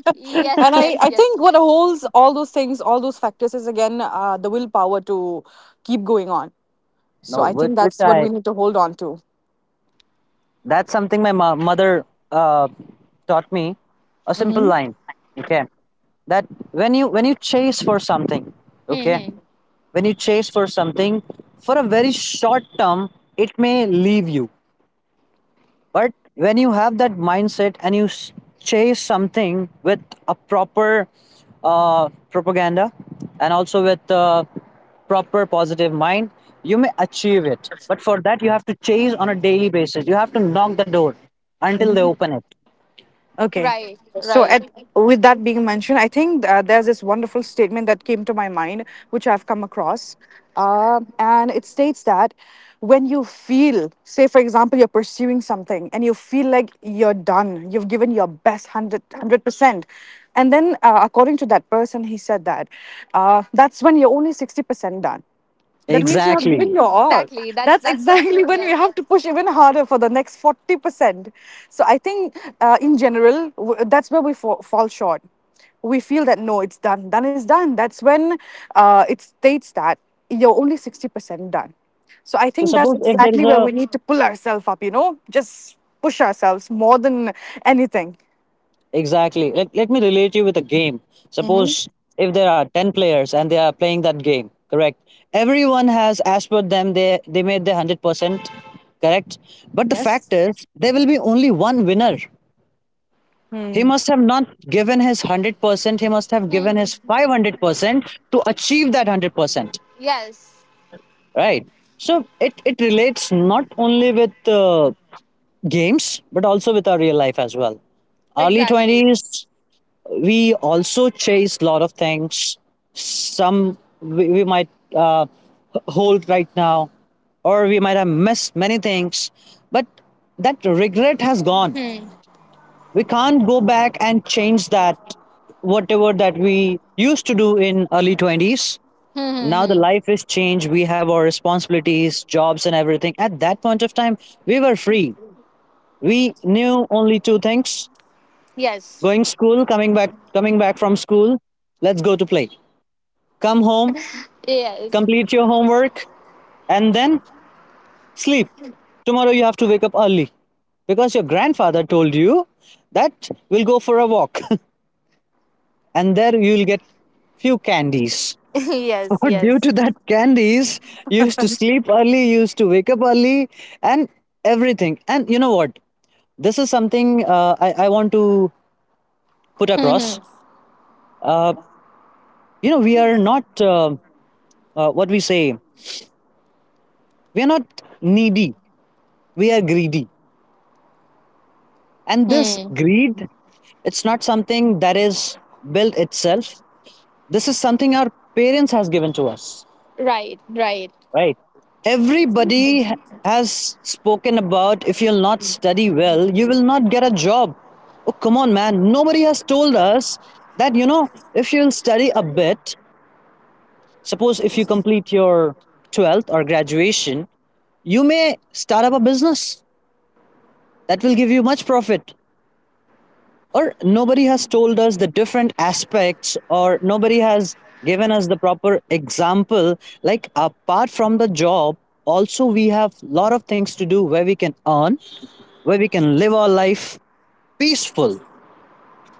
[SPEAKER 4] Yes,
[SPEAKER 2] And
[SPEAKER 4] yes,
[SPEAKER 2] I
[SPEAKER 4] yes.
[SPEAKER 2] think what holds all those things, all those factors is again, the willpower to keep going on. So
[SPEAKER 1] No,
[SPEAKER 2] I think
[SPEAKER 1] which
[SPEAKER 2] that's what
[SPEAKER 1] I
[SPEAKER 2] we need to hold on to.
[SPEAKER 1] that's something my mother uh, taught me. A simple
[SPEAKER 2] Hmm.
[SPEAKER 1] line, okay? That when you chase for something,
[SPEAKER 4] Hmm,
[SPEAKER 1] okay,
[SPEAKER 4] hmm.
[SPEAKER 1] when you chase for something for a very short term, it may leave you. But when you have that mindset and chase something with a proper propaganda, and also with a proper positive mind, you may achieve it. But for that, you have to chase on a daily basis. You have to knock the door until they open it.
[SPEAKER 2] Okay.
[SPEAKER 4] Right,
[SPEAKER 2] So,
[SPEAKER 4] right.
[SPEAKER 2] at, with that being mentioned, I think there's this wonderful statement that came to my mind, which I've come across. And it states that when you feel, say, for example, you're pursuing something and you feel like you're done, you've given your best 100, percent. And then, according to that person, he said that that's when you're only 60% done. That means you have
[SPEAKER 1] Exactly.
[SPEAKER 2] given your all.
[SPEAKER 4] Exactly. That's
[SPEAKER 2] That's
[SPEAKER 4] that's so
[SPEAKER 2] exactly
[SPEAKER 4] true.
[SPEAKER 2] when we have
[SPEAKER 4] Yes.
[SPEAKER 2] to push even harder for the next 40%. So I think, in general, that's where we fall short. We feel that no, it's done. Done is done. That's when it states that you're only 60% done. So I
[SPEAKER 1] So
[SPEAKER 2] think that's
[SPEAKER 1] suppose if there is
[SPEAKER 2] exactly where
[SPEAKER 1] a—
[SPEAKER 2] we need to pull ourselves up, you know, just push ourselves more than anything.
[SPEAKER 1] Exactly. Let me relate you with a game. Suppose if there are 10 players and they are playing that game, correct? Everyone has, as per them, they made their 100%, correct? But the fact
[SPEAKER 2] Yes?
[SPEAKER 1] is, there will be only one winner. He
[SPEAKER 2] Hmm.
[SPEAKER 1] must have not given his 100%, he must have given his 500% to achieve that 100%,
[SPEAKER 4] Yes,
[SPEAKER 1] right? So it relates not only with games, but also with our real life as well. Early
[SPEAKER 4] exactly.
[SPEAKER 1] 20s, we also chase a lot of things. Some we might uh, hold right now, or we might have missed many things, but that regret has gone.
[SPEAKER 4] Hmm.
[SPEAKER 1] We can't go back and change that, whatever that we used to do in early 20s.
[SPEAKER 4] Hmm, hmm,
[SPEAKER 1] Now the
[SPEAKER 4] hmm.
[SPEAKER 1] life is changed, we have our responsibilities, jobs, and everything. At that point of time, we were free. We knew only two things:
[SPEAKER 4] Yes.
[SPEAKER 1] going school, coming back from school, let's go to play. Come home,
[SPEAKER 4] Yes.
[SPEAKER 1] complete your homework, and then sleep. Tomorrow you have to wake up early because your grandfather told you that we'll go for a walk and there you'll get few candies. So
[SPEAKER 4] yes.
[SPEAKER 1] due
[SPEAKER 4] Yes.
[SPEAKER 1] to that candies, you used to sleep early, you used to wake up early, and everything. And you know what? This is something I want to put
[SPEAKER 4] Hmm,
[SPEAKER 1] across.
[SPEAKER 4] hmm,
[SPEAKER 1] Uh, we are not, what we say, we are not needy, we are greedy. And this
[SPEAKER 4] hmm.
[SPEAKER 1] greed, it's not something that is built itself. This is something our parents has given to us,
[SPEAKER 4] Right. Right.
[SPEAKER 1] right? Everybody has spoken about, if you'll not study well, you will not get a job. Oh, come on, man. Nobody has told us that, if you'll study a bit, suppose if you complete your 12th or graduation, you may start up a business that will give you much profit. Or nobody has told us the different aspects, or nobody has given us the proper example, like apart from the job, also we have lot of things to do, where we can earn, where we can live our life peaceful.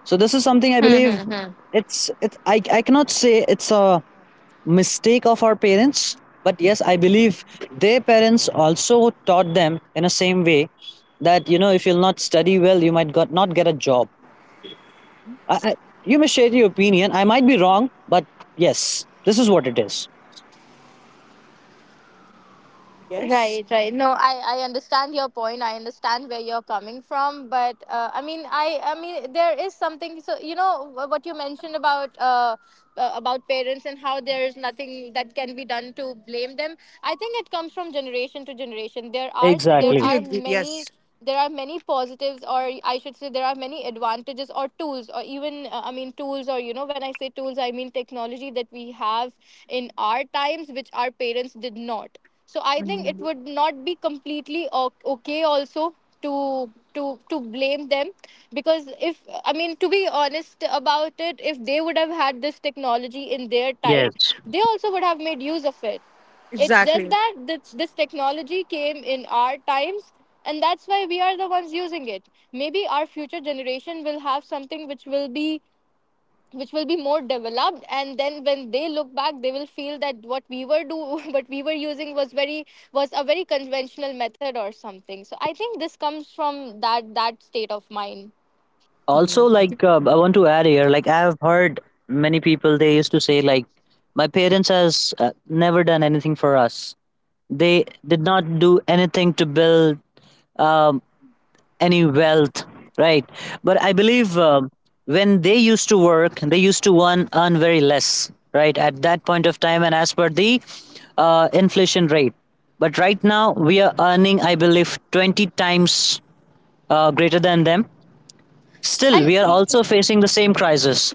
[SPEAKER 1] So this is something I believe. I cannot say it's a mistake of our parents, but yes, I believe their parents also taught them in the same way, that if you'll not study well, you might not get a job. I, I, you may share your opinion. I might be wrong, but yes, this is what it is.
[SPEAKER 2] Yes.
[SPEAKER 4] Right. Right. No, I understand your point. I understand where you're coming from, but I mean, I mean, there is something. So you know wh- what you mentioned about uh, about parents and how there is nothing that can be done to blame them. I think it comes from generation to generation. There are s- there
[SPEAKER 1] Exactly.
[SPEAKER 2] Totally
[SPEAKER 4] are
[SPEAKER 2] agree.
[SPEAKER 4] many.
[SPEAKER 2] Yes.
[SPEAKER 4] There are many positives, or I should say there are many advantages or tools, or even I mean tools, or you know when I say tools, I mean technology, that we have in our times which our parents did not. So I think it would not be completely o- okay also to to to blame them, because if, I mean, to be honest about it, if they would have had this technology in their time,
[SPEAKER 1] Yes.
[SPEAKER 4] they also would have made use of it. It's just
[SPEAKER 2] Exactly.
[SPEAKER 4] that this technology came in our times, and that's why we are the ones using it. Maybe our future generation will have something which will be, more developed, and then when they look back they will feel that what we were do what we were using was very, was a very conventional method or something. So I think this comes from that, that state of mind.
[SPEAKER 1] Also, like I want to add here, like I've heard many people they used to say, like my parents has never done anything for us. They did not do anything to build a any wealth, right? But I believe when they used to work, they used to earn very less, right? At that point of time, and as per the inflation rate. But right now, we are earning, I believe, 20 times greater than them. Still,
[SPEAKER 4] And...
[SPEAKER 1] we are also facing the same crisis.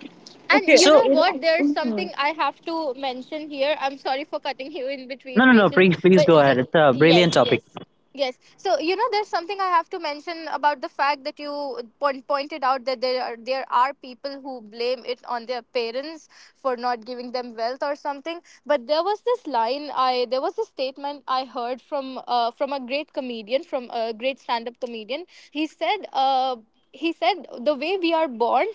[SPEAKER 4] And
[SPEAKER 2] Okay.
[SPEAKER 4] you
[SPEAKER 1] So,
[SPEAKER 4] know what? There's something I have to mention here. I'm sorry for cutting you in
[SPEAKER 1] no,
[SPEAKER 4] between,
[SPEAKER 1] no, no,
[SPEAKER 4] Rachel.
[SPEAKER 1] please, please go
[SPEAKER 4] But
[SPEAKER 1] ahead.
[SPEAKER 4] j-
[SPEAKER 1] It's a brilliant
[SPEAKER 4] yes,
[SPEAKER 1] topic.
[SPEAKER 4] yes, yes. So you know, there's something I have to mention about the fact that you point, pointed out that there are people who blame it on their parents for not giving them wealth or something. But there was this line I there was a statement I heard from a great comedian, from a great stand up comedian. He said uh, he said the way we are born,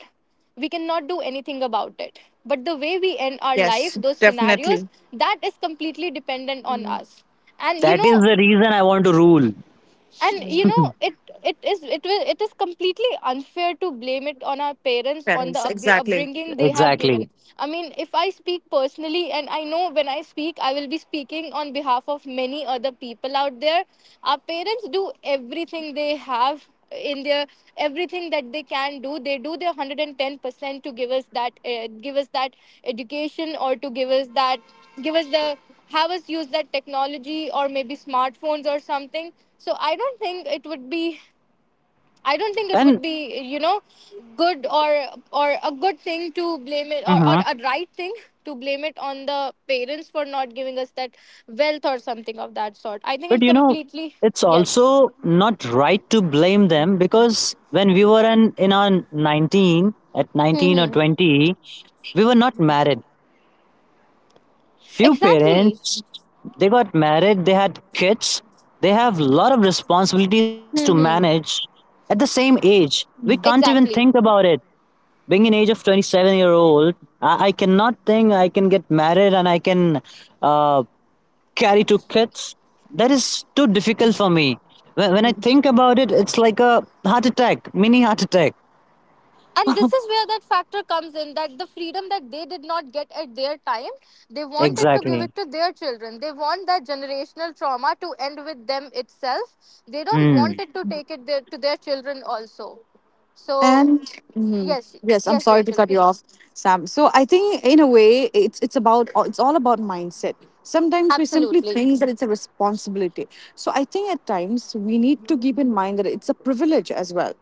[SPEAKER 4] we cannot do anything about it, but the way we end our life,
[SPEAKER 2] Yes,
[SPEAKER 4] those scenarios,
[SPEAKER 2] definitely.
[SPEAKER 4] that is completely dependent on us. And you
[SPEAKER 1] That
[SPEAKER 4] know,
[SPEAKER 1] is the reason I want to rule.
[SPEAKER 4] it, it is, it will, it is completely unfair to blame it on our parents, on the upbr- upbringing they have
[SPEAKER 1] Exactly.
[SPEAKER 4] given. I mean, if I speak personally, and I know when I speak I will be speaking on behalf of many other people out there, our parents do everything they have in their everything that they can do, they do their 110% to give us that, give us that education, or to give us that, give us the, have us use that technology or maybe smartphones or something. So I don't think it would be,
[SPEAKER 1] And
[SPEAKER 4] you know, good, or a good thing to blame it, or a right thing to blame it on the parents for not giving us that wealth or something of that sort. I think
[SPEAKER 1] But
[SPEAKER 4] it completely...
[SPEAKER 1] it's
[SPEAKER 4] Yes.
[SPEAKER 1] also not right to blame them, because when we were in our 19, at 19 or
[SPEAKER 4] Hmm.
[SPEAKER 1] 20, we were not married. Few
[SPEAKER 4] Exactly.
[SPEAKER 1] parents, they got married, they had kids, they have a lot of responsibilities to
[SPEAKER 4] Hmm.
[SPEAKER 1] manage at the same age. We can't even think
[SPEAKER 4] Exactly.
[SPEAKER 1] about it. Being an age of 27-year-old, I cannot think I can get married and I can uh, carry two kids, that is too difficult for me. When I think about it, it's like a heart attack, mini heart attack.
[SPEAKER 4] And this is where that factor comes in, that the freedom that they did not get at their time, they wanted to give
[SPEAKER 1] Exactly.
[SPEAKER 4] it to their children. They want that generational trauma to end with them itself, they don't
[SPEAKER 1] Mm,
[SPEAKER 4] want it to take it there, to their children also. So...
[SPEAKER 2] And Mhm.
[SPEAKER 4] Yes.
[SPEAKER 2] Yes, I'm
[SPEAKER 4] Yes,
[SPEAKER 2] sorry to
[SPEAKER 4] Rachel,
[SPEAKER 2] cut you
[SPEAKER 4] please.
[SPEAKER 2] off, Sam. So I think in a way, it's about, it's all about mindset. Sometimes we simply
[SPEAKER 4] Absolutely.
[SPEAKER 2] think that it's a responsibility. So I think at times we need to keep in mind that it's a privilege as well.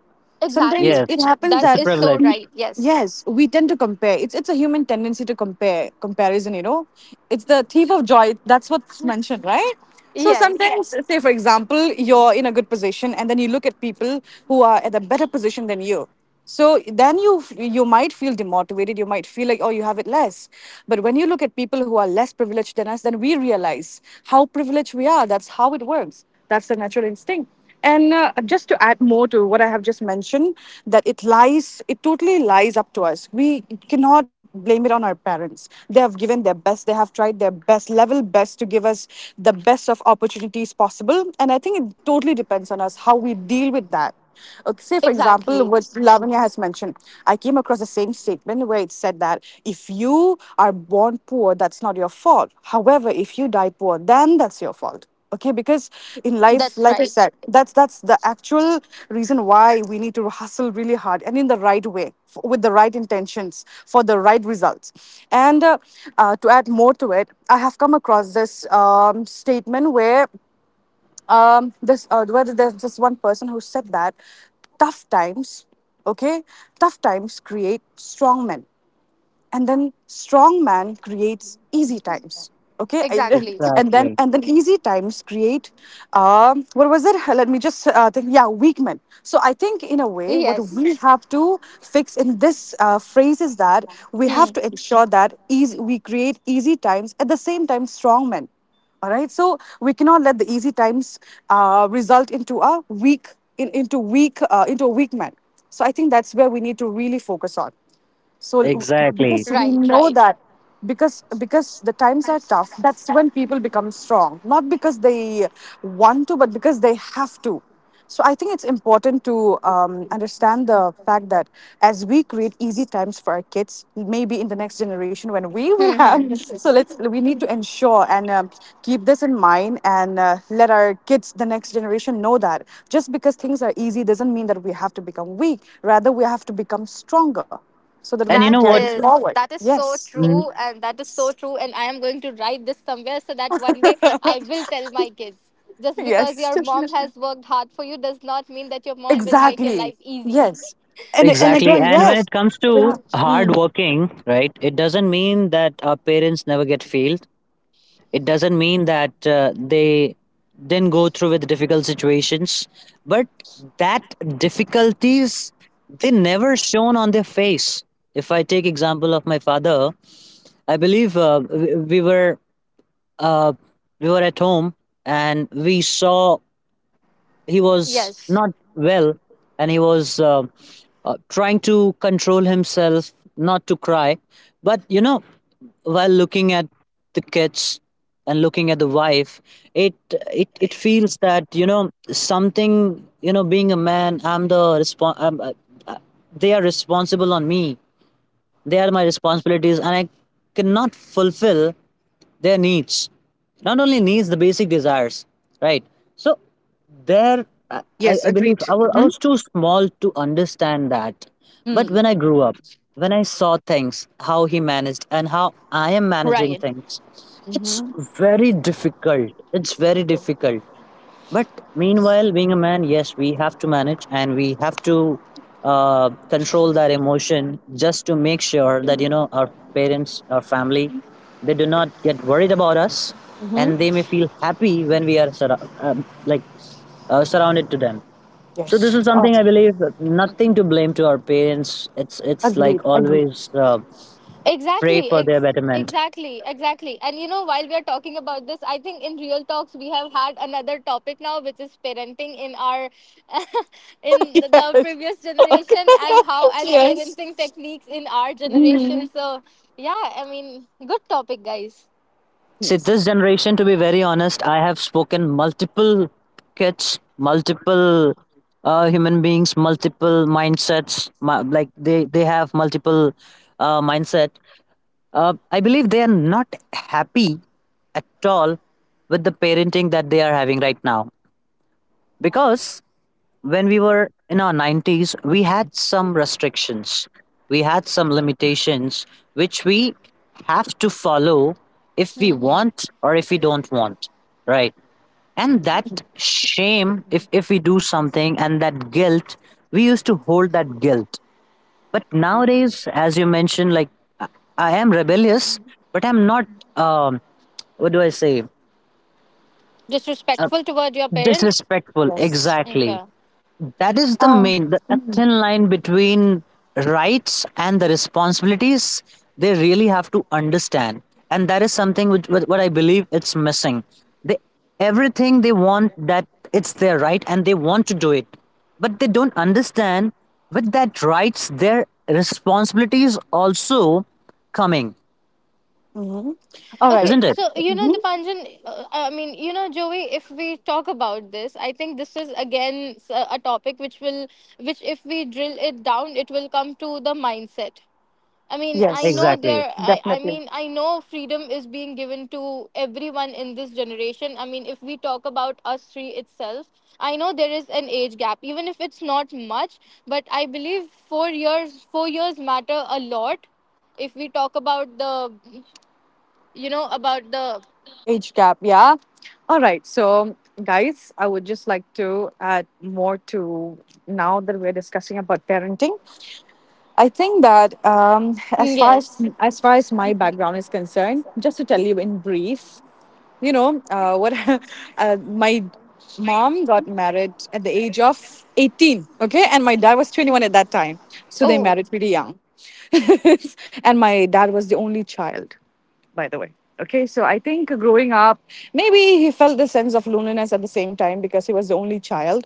[SPEAKER 2] Sometimes
[SPEAKER 4] Exactly,
[SPEAKER 2] it
[SPEAKER 1] yes,
[SPEAKER 2] happens
[SPEAKER 4] that
[SPEAKER 1] it's a
[SPEAKER 2] that,
[SPEAKER 4] is so
[SPEAKER 1] privilege.
[SPEAKER 4] right. Yes.
[SPEAKER 2] yes, we tend to compare. It's a human tendency to compare comparison. It's the thief of joy. That's what's mentioned, right? So
[SPEAKER 4] Yes.
[SPEAKER 2] sometimes, yes, say for example, you're in a good position, and then you look at people who are at a better position than you. So then you might feel demotivated. You might feel like oh you have it less. But when you look at people who are less privileged than us, then we realize how privileged we are. That's how it works. That's the natural instinct. And just to add more to what I have just mentioned, that it totally lies up to us. We cannot blame it on our parents. They have given their best, they have tried their best, level best to give us the best of opportunities possible. And I think it totally depends on us how we deal with that. Okay, say, for example, what
[SPEAKER 4] Exactly.
[SPEAKER 2] Lavanya has mentioned, I came across the same statement where it said that if you are born poor, that's not your fault. However, if you die poor, then that's your fault, okay, because in life
[SPEAKER 4] That's
[SPEAKER 2] like I
[SPEAKER 4] right.
[SPEAKER 2] said that's the actual reason why we need to hustle really hard and in the right way with the right intentions for the right results. And to add more to it I have come across this statement where there's this one person who said that tough times, okay, tough times create strong men, and then strong man creates easy times. Okay.
[SPEAKER 4] Exactly.
[SPEAKER 2] And then
[SPEAKER 1] Exactly,
[SPEAKER 2] and then easy times create, what was it, let me just think, yeah, weak men. So I think in a way what
[SPEAKER 4] Yes.
[SPEAKER 2] we have to fix in this phrase is that we
[SPEAKER 4] Hmm.
[SPEAKER 2] have to ensure that we create easy times, at the same time strong men. All right, so we cannot let the easy times result into a weak, into weak, into a weak man. So I think that's where we need to really focus on. So
[SPEAKER 1] exactly.
[SPEAKER 2] because we
[SPEAKER 4] Right,
[SPEAKER 2] know
[SPEAKER 4] right.
[SPEAKER 2] that, because the times are tough, that's when people become strong, not because they want to but because they have to. So I think it's important to understand the fact that as we create easy times for our kids, maybe in the next generation when we will
[SPEAKER 4] Hmm.
[SPEAKER 2] have
[SPEAKER 4] Hmm.
[SPEAKER 2] so let's we need to ensure, and keep this in mind, and let our kids, the next generation, know that just because things are easy doesn't mean that we have to become weak, rather we have to become stronger so that we
[SPEAKER 1] And
[SPEAKER 2] can
[SPEAKER 1] you
[SPEAKER 4] That
[SPEAKER 1] know
[SPEAKER 2] carry it
[SPEAKER 1] what?
[SPEAKER 4] is,
[SPEAKER 2] forward.
[SPEAKER 4] that is so
[SPEAKER 2] Yes.
[SPEAKER 1] Mm,
[SPEAKER 4] true, and that is so true, and I am going to write this somewhere so that one day I will tell my kids. Just because
[SPEAKER 2] Yes.
[SPEAKER 4] your mom has worked hard for you does not mean that your mom will make your
[SPEAKER 2] Exactly.
[SPEAKER 4] life easy.
[SPEAKER 2] Yes. And
[SPEAKER 1] exactly.
[SPEAKER 2] again,
[SPEAKER 1] And when it
[SPEAKER 2] yes.
[SPEAKER 1] comes
[SPEAKER 2] We
[SPEAKER 1] to
[SPEAKER 2] have—
[SPEAKER 1] hard
[SPEAKER 2] Mm.
[SPEAKER 1] working, right, it doesn't mean that our parents never get failed. It doesn't mean that they then go through with difficult situations, but that difficulties, they never shown on their face. If I take example of my father, I believe uh, we were at home, and we saw he was
[SPEAKER 4] Yes.
[SPEAKER 1] not well, and he was trying to control himself not to cry, but while looking at the kids and looking at the wife, it it feels that you know something, you know, being a man, I'm the respon- I'm, uh, uh, they are responsible on me, they are my responsibilities, and I cannot fulfill their needs, not only needs the basic desires, right. So there, i,
[SPEAKER 2] Yes,
[SPEAKER 1] I believe
[SPEAKER 2] agreed.
[SPEAKER 1] I was I
[SPEAKER 2] Hmm.
[SPEAKER 1] was too small to understand that. But
[SPEAKER 2] Mm.
[SPEAKER 1] when I grew up, when I saw things, how he managed and how I am managing
[SPEAKER 4] Ryan.
[SPEAKER 1] things, it's
[SPEAKER 2] Hmm.
[SPEAKER 1] very difficult, it's very difficult. But meanwhile, being a man, yes, we have to manage and we have to control that emotion, just to make sure that our parents, our family, they do not get worried about us,
[SPEAKER 2] Hmm.
[SPEAKER 1] and they may feel happy when we are surrounded to them. So this
[SPEAKER 2] Yes.
[SPEAKER 1] is
[SPEAKER 2] Oh,
[SPEAKER 1] something I believe, nothing to blame to our parents. It's like
[SPEAKER 2] agreed. Agreed.
[SPEAKER 1] always, pray
[SPEAKER 4] Exactly,
[SPEAKER 1] for their
[SPEAKER 4] ex-
[SPEAKER 1] betterment.
[SPEAKER 4] exactly, exactly. And you know, while we are talking about this, I think in real talks we have had another topic now, which is parenting in our in the
[SPEAKER 2] Yes.
[SPEAKER 4] previous
[SPEAKER 2] Okay.
[SPEAKER 4] generation, and how, and
[SPEAKER 2] Yes.
[SPEAKER 4] parenting techniques in our
[SPEAKER 2] Hmm.
[SPEAKER 4] generation. So yeah, I mean, good topic, guys.
[SPEAKER 1] See,
[SPEAKER 2] Yes.
[SPEAKER 1] this generation, to be very honest, I have spoken multiple kids, multiple human beings, multiple mindsets. Like they have multiple mindset. I believe they are not happy at all with the parenting that they are having right now. Because when we were in our 90s, we had some restrictions, we had some limitations which we have to follow, if we want or if we don't want, right? And that shame, if we do something, and that guilt, we used to hold that guilt. But nowadays, as you mentioned, like I I am rebellious, but I'm not. Um, what do I say? Uh,
[SPEAKER 4] Disrespectful toward your parents.
[SPEAKER 1] disrespectful.
[SPEAKER 2] Yes.
[SPEAKER 1] Exactly.
[SPEAKER 4] Okay.
[SPEAKER 1] That is the
[SPEAKER 2] Uh,
[SPEAKER 1] main, the a thin line between rights and the responsibilities they really have to understand. And that is something which what I believe it's missing. They, everything they want, that it's their right and they want to do it. But they don't understand, with that rights their responsibilities also coming,
[SPEAKER 2] mhm. All right.
[SPEAKER 4] Okay,
[SPEAKER 1] isn't it?
[SPEAKER 4] so you know,
[SPEAKER 2] Mhm.
[SPEAKER 4] Dipanjan, I mean, you know, Joey, if we talk about this, I think this is again s- a topic which will, which if we drill it down, it will come to the mindset. I mean, I
[SPEAKER 2] Yes.
[SPEAKER 4] know
[SPEAKER 1] Exactly.
[SPEAKER 4] there, I
[SPEAKER 2] Definitely.
[SPEAKER 4] mean, I know freedom is being given to everyone in this generation. I mean, if we talk about us three itself, I know there is an age gap, even if it's not much, but I believe 4 years, 4 years matter a lot if we talk about the, you know, about the...
[SPEAKER 2] Age gap, yeah. All right. So, guys, I would just like to add more to, now that we're discussing about parenting. I think that, as far as
[SPEAKER 4] Yes.
[SPEAKER 2] as far as my background is concerned, just to tell you in brief, you know, what my mom got married at the age of 18. Okay, and my dad was 21 at that time, so they
[SPEAKER 4] Oh,
[SPEAKER 2] married pretty young. And my dad was the only child, by the way. Okay, so I think growing up, maybe he felt the sense of loneliness at the same time because he was the only child.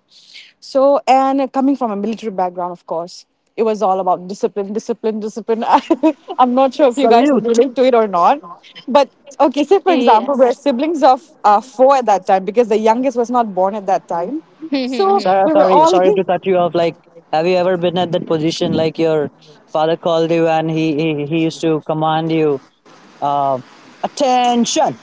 [SPEAKER 2] So, and coming from a military background, of course, it was all about discipline, discipline, discipline. I'm not sure if you guys would
[SPEAKER 1] Salute.
[SPEAKER 2] relate to it or not. But okay, say for example, we're
[SPEAKER 4] yes.
[SPEAKER 2] siblings of four at that time because the youngest was not born at that time. So
[SPEAKER 4] right,
[SPEAKER 1] Sarah,
[SPEAKER 2] we were
[SPEAKER 1] sorry,
[SPEAKER 2] all
[SPEAKER 1] sorry to cut you off. Like, have you ever been at that position? Like, your father called you and he used to command you, uh, attention.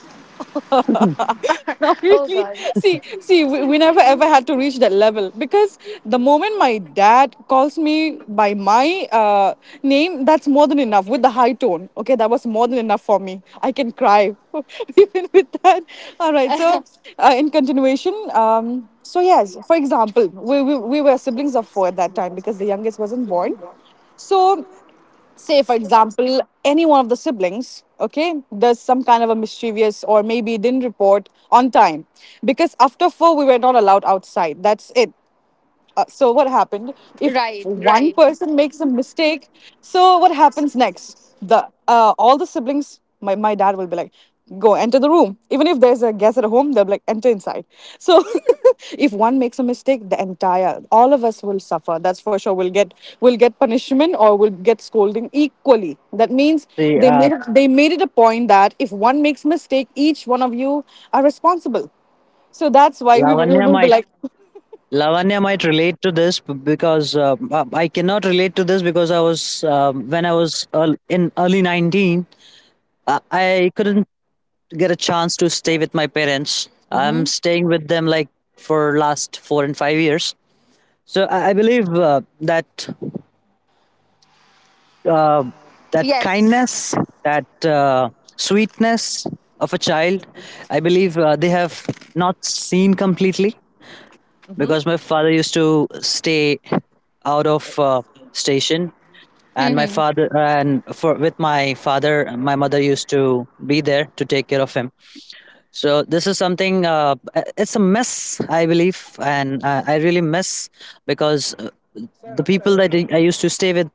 [SPEAKER 2] obviously, we never ever had to reach that level because the moment my dad calls me by my name, that's more than enough with the high tone. Okay, that was more than enough for me. I can cry even with that. All right, so in continuation, so yes, for example, we were siblings of four at that time because the youngest wasn't born. So say for example any one of the siblings, okay, does some kind of a mischievous or maybe didn't report on time because after four we were not allowed outside, that's it. So what happened if one
[SPEAKER 4] right.
[SPEAKER 2] person makes a mistake, so what happens next? The All the siblings, my dad will be like, go enter the room, even if there's a guest at home they'll be like enter inside. So if one makes a mistake, the entire all of us will suffer, that's for sure. We'll get punishment or we'll get scolding equally. That means
[SPEAKER 1] See,
[SPEAKER 2] they made it a point that if one makes mistake, each one of you are responsible. So that's why we
[SPEAKER 1] Lavanya
[SPEAKER 2] will be
[SPEAKER 1] might
[SPEAKER 2] like,
[SPEAKER 1] Lavanya might relate to this, because I cannot relate to this because I was when I was early 19, I couldn't get a chance to stay with my parents. I'm
[SPEAKER 2] hmm.
[SPEAKER 1] staying with them like for last 4 and 5 years. So I believe uh, that
[SPEAKER 4] Yes.
[SPEAKER 1] kindness, that sweetness of a child, I believe they have not seen completely, because my father used to stay out of station, and my
[SPEAKER 4] Mhm.
[SPEAKER 1] father, and for, with my father, my mother used to be there to take care of him. So this is something. It's a mess, I believe, and I really miss, because the people that I used to stay with,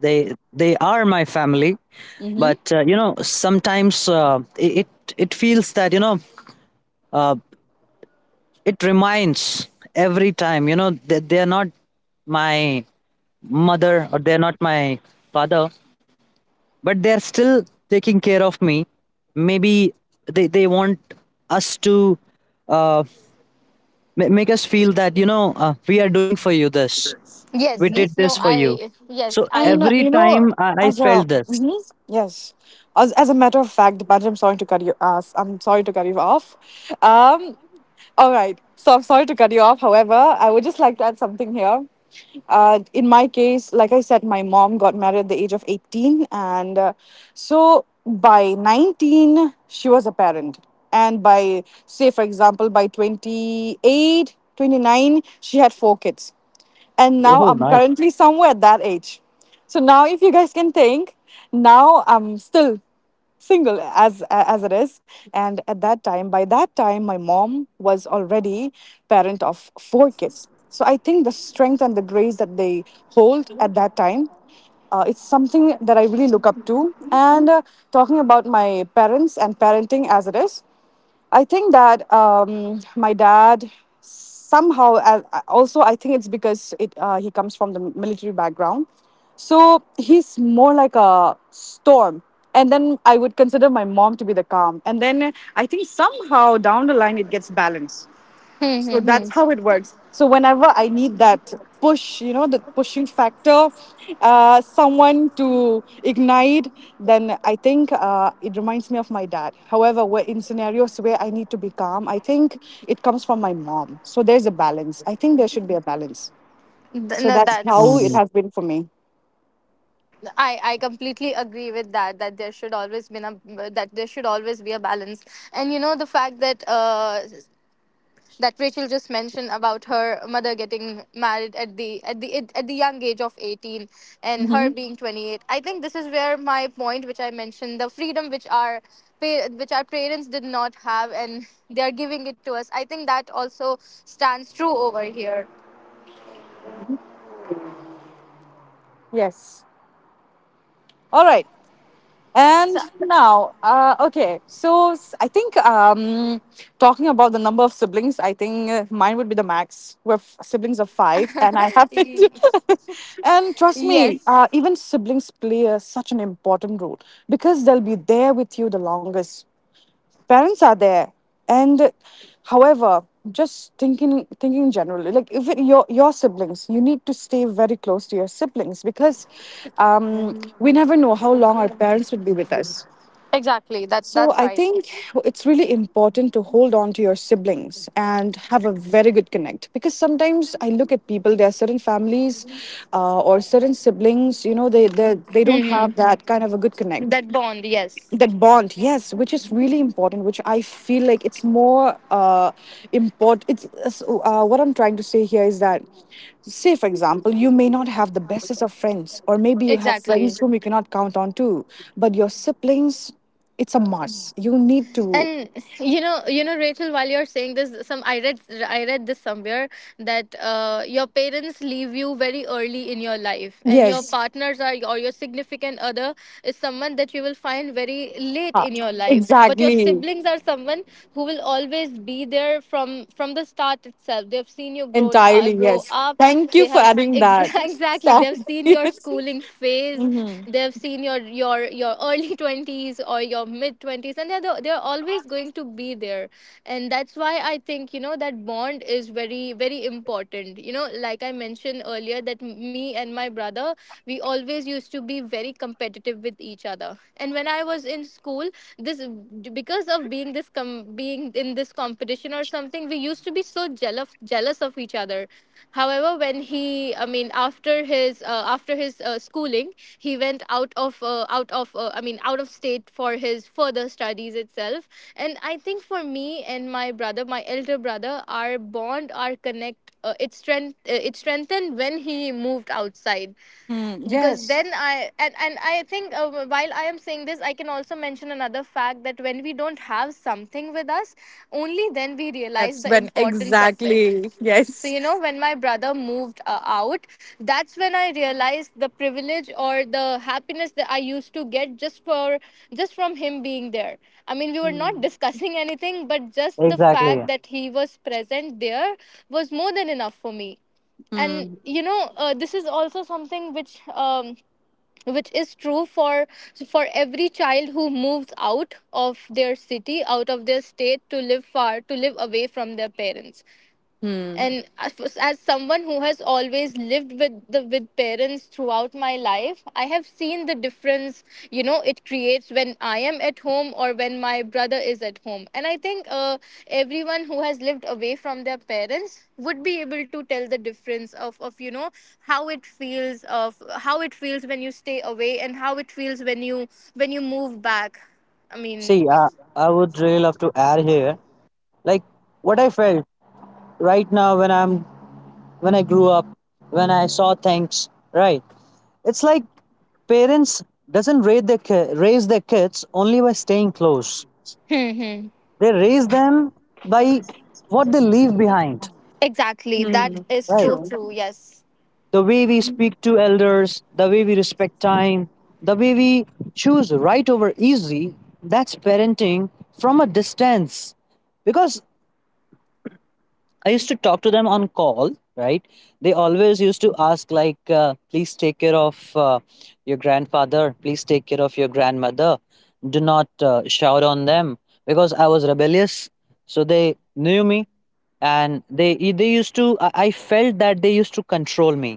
[SPEAKER 1] they are my family.
[SPEAKER 2] Hmm.
[SPEAKER 1] But sometimes it feels that uh, it reminds every time. You know that they are not my mother or they're not my father, but they're still taking care of me. Maybe they want us to. Uh, make us feel that we are doing for you this,
[SPEAKER 4] Yes,
[SPEAKER 1] we
[SPEAKER 2] Mhm.
[SPEAKER 1] did
[SPEAKER 4] yes. No,
[SPEAKER 1] this for you.
[SPEAKER 4] I, yes,
[SPEAKER 1] So
[SPEAKER 2] And
[SPEAKER 4] I...
[SPEAKER 1] every
[SPEAKER 2] you know,
[SPEAKER 1] time I
[SPEAKER 2] as a
[SPEAKER 1] felt this.
[SPEAKER 2] mhm, yes, as a matter of fact, Dipanjan, I'm sorry to cut you. I'm sorry to cut you off. Um, all right. So I'm sorry to cut you off. However, I would just like to add something here. In my case, like I said, my mom got married at the age of 18, and so by 19 she was a parent, and by say for example by 28, 29, she had four kids, and now
[SPEAKER 1] Oh,
[SPEAKER 2] I'm
[SPEAKER 1] nice.
[SPEAKER 2] currently somewhere at that age. So now, if you guys can think, now I'm still single as it is, and at that time, by that time my mom was already parent of four kids. So I think the strength and the grace that they hold at that time, it's something that I really look up to. And talking about my parents and parenting as it is, I think that my dad somehow also I think it's because it he comes from the military background, so he's more like a storm. And then I would consider my mom to be the calm. And then I think somehow down the line it gets balanced. So that's
[SPEAKER 4] Mhm.
[SPEAKER 2] how it works. So whenever I need that push, you know, the pushing factor, someone to ignite, then I think it reminds me of my dad. However, where in scenarios where I need to be calm, I think it comes from my mom. So there's a balance. I think there should be a balance.
[SPEAKER 4] Th-
[SPEAKER 2] So
[SPEAKER 4] no,
[SPEAKER 2] that's how
[SPEAKER 1] Mm,
[SPEAKER 2] it
[SPEAKER 4] that's...
[SPEAKER 2] has been for me.
[SPEAKER 4] I completely agree with that, that there should always be a, balance. And you know the fact that that Rachel just mentioned about her mother getting married at the young age of 18, and her
[SPEAKER 2] Hmm.
[SPEAKER 4] being 28, I think this is where my point, which I mentioned, the freedom which our pa- which our parents did not have and they are giving it to us, I think that also stands true over here.
[SPEAKER 2] Yes. All right. And
[SPEAKER 4] So...
[SPEAKER 2] now, okay, so I think talking about the number of siblings, I think mine would be the max. We're siblings of five, and I have it. And trust me,
[SPEAKER 4] Yes.
[SPEAKER 2] even siblings play a, such an important role because they'll be there with you the longest, parents are there, and however, just thinking generally, like even your siblings, you need to stay very close to your siblings, because we never know how long our parents would be with us.
[SPEAKER 4] Exactly,
[SPEAKER 2] So
[SPEAKER 4] that's
[SPEAKER 2] I
[SPEAKER 4] right.
[SPEAKER 2] think it's really important to hold on to your siblings and have a very good connect, because sometimes I look at people, there are certain families or certain siblings, you know, they don't have
[SPEAKER 4] Hmm.
[SPEAKER 2] that kind of a good connect,
[SPEAKER 4] That bond, yes.
[SPEAKER 2] that bond, yes, which is really important, which I feel like it's more important. What I'm trying to say here is that say for example you may not have the bestest of friends, or maybe you have
[SPEAKER 4] Exactly.
[SPEAKER 2] friends whom you cannot count on too, but your siblings, it's a must, you need to,
[SPEAKER 4] And you know, Rachel, while you're saying this, some I read, this somewhere, that your parents leave you very early in your life, and your
[SPEAKER 2] yes.
[SPEAKER 4] partners are, or your significant other, is someone that you will find very late
[SPEAKER 2] Ah,
[SPEAKER 4] in your life, but your
[SPEAKER 2] exactly,
[SPEAKER 4] siblings are someone who will always be there from the start itself. They've seen you grow grown
[SPEAKER 2] entirely,
[SPEAKER 4] grow
[SPEAKER 2] yes,
[SPEAKER 4] up.
[SPEAKER 2] thank you
[SPEAKER 4] They
[SPEAKER 2] for
[SPEAKER 4] have s-
[SPEAKER 2] adding
[SPEAKER 4] ex-
[SPEAKER 2] that.
[SPEAKER 4] exactly,
[SPEAKER 2] Sam,
[SPEAKER 4] they've seen your
[SPEAKER 2] yes.
[SPEAKER 4] schooling phase.
[SPEAKER 2] Mhm.
[SPEAKER 4] They've seen your early 20s or your mid 20s, and they're they're always going to be there. And that's why I think, you know, that bond is very, very important. You know, like I mentioned earlier, that me and my brother, we always used to, be very competitive with each other. And when I was in school, this because of being this com- being in this competition or something, we used to be so jealous, jealous of each other. However, when he, I mean, after his schooling, he went out of I mean out of state for his further studies itself. And I think for me and my brother, my elder brother, our bond, our connect, it strength it strengthened when he moved outside.
[SPEAKER 2] Hmm,
[SPEAKER 4] Because
[SPEAKER 2] yes,
[SPEAKER 4] then I and I think while I am saying this, I can also mention another fact, that when we don't have something with us, only then we realize
[SPEAKER 2] that's
[SPEAKER 4] the
[SPEAKER 2] when,
[SPEAKER 4] importance of it.
[SPEAKER 2] exactly,
[SPEAKER 4] So,
[SPEAKER 2] yes.
[SPEAKER 4] you know, when my brother moved out, that's when I realized the privilege, or the happiness, that I used to get just for, just from him being there. I mean, we were not discussing anything, but just the
[SPEAKER 1] exactly.
[SPEAKER 4] fact that he was present there was more than enough for me. And you know this is also something which is true for every child who moves out of their city, out of their state, to live far, to live away from their parents.
[SPEAKER 2] Hmm.
[SPEAKER 4] And as someone who has always lived with the, with parents throughout my life, I have seen the difference, you know, it creates when I am at home or when my brother is at home. And I think everyone who has lived away from their parents would be able to tell the difference of, you know, how it feels of, how it feels when you stay away, and how it feels when you, when you move back, I mean...
[SPEAKER 1] See, I would really love to add here, like what I felt right now, when I grew up, when I saw things. Right, it's like parents doesn't raise their kids only by staying close.
[SPEAKER 4] Hmm, hmm.
[SPEAKER 1] They raise them by what they leave behind.
[SPEAKER 4] Exactly, that is
[SPEAKER 1] Right,
[SPEAKER 4] so true. Yes.
[SPEAKER 1] the way we speak to elders, the way we respect time, the way we choose right over easy, that's parenting from a distance. Because I used to talk to them on call, right? They always used to ask, like, please take care of your grandfather, please take care of your grandmother, do not shout on them, because I was rebellious. So they knew me, and they used to I felt that they used to control me,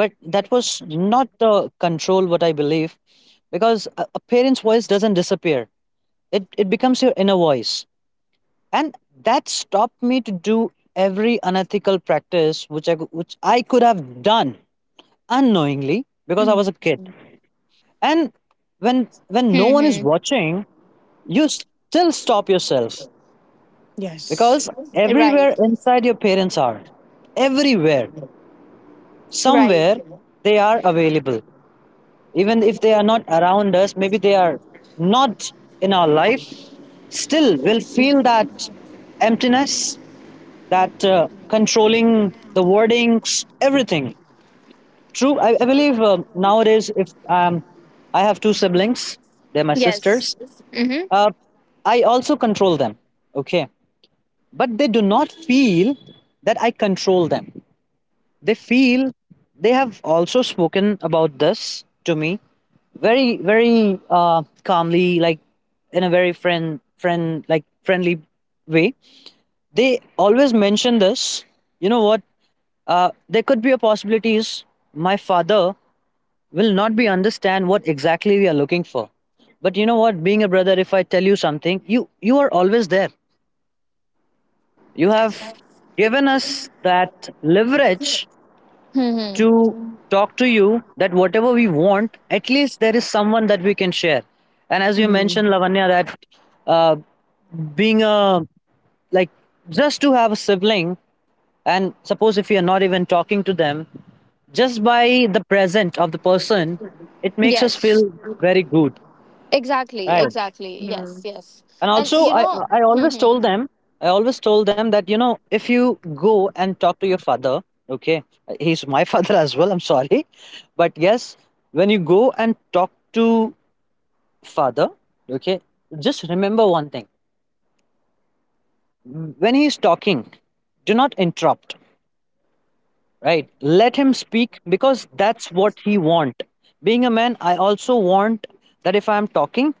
[SPEAKER 1] but that was not the control, what I believe, because a parent's voice doesn't disappear, it becomes your inner voice, and that stopped me to do every unethical practice which I could have done unknowingly, because I was a kid. And when no
[SPEAKER 4] Hmm,
[SPEAKER 1] one is
[SPEAKER 4] hmm.
[SPEAKER 1] watching, you still stop yourself
[SPEAKER 2] Yes.
[SPEAKER 1] because everywhere
[SPEAKER 4] Right.
[SPEAKER 1] inside your parents are, everywhere,
[SPEAKER 4] Right.
[SPEAKER 1] somewhere they are available. Even if they are not around us, maybe they are not in our life, still we'll feel that emptiness, that controlling the wordings, everything. True, I believe nowadays, if I have two siblings, they're my sisters, uh, I also control them. Okay. But they do not feel that I control them. They feel, they have also spoken about this to me very, very calmly, like in a very like friendly way. They always mention this. You know what? There could be a possibility is my father will not be understand what exactly we are looking for. But you know what? Being a brother, if I tell you something, you are always there. You have given us that leverage
[SPEAKER 4] Mm-hmm.
[SPEAKER 1] to talk to you that whatever we want, at least there is someone that we can share. And as you mentioned, Lavanya, that uh, being a, like, just to have a sibling. And suppose if we are not even talking to them, just by the presence of the person, it makes us feel
[SPEAKER 4] Yes.
[SPEAKER 1] very good,
[SPEAKER 4] Exactly.
[SPEAKER 1] right?
[SPEAKER 4] Exactly. Yes. Yes.
[SPEAKER 1] And
[SPEAKER 4] And
[SPEAKER 1] also,
[SPEAKER 4] you
[SPEAKER 2] Yes.
[SPEAKER 1] I
[SPEAKER 4] know...
[SPEAKER 1] I always
[SPEAKER 4] Hmm.
[SPEAKER 1] told them, I always told them that, you know, if you go and talk to your father, okay, he's my father as well. I'm sorry, but yes, when you go and talk to father, okay, just remember one thing: when he is talking, do not interrupt, right? Let him speak because that's what he want. Being a man, I also want that if I am talking,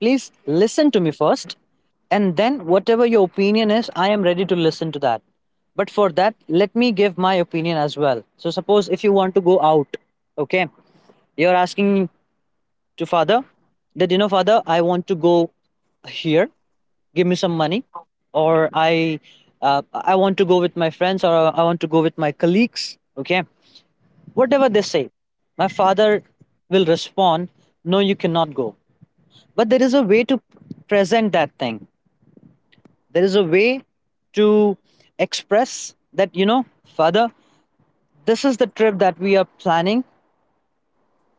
[SPEAKER 1] please listen to me first, and then whatever your opinion is, I am ready to listen to that. But for that, let me give my opinion as well. So suppose if you want to go out, okay, you're asking to father that, you know, father, I want to go here, give me some money, or I want to go with my friends or I want to go with my colleagues, okay, whatever they say. My father will respond, no, you cannot go. But there is a way to present that thing, there is a way to express that, you know, father, this is the trip that we are planning,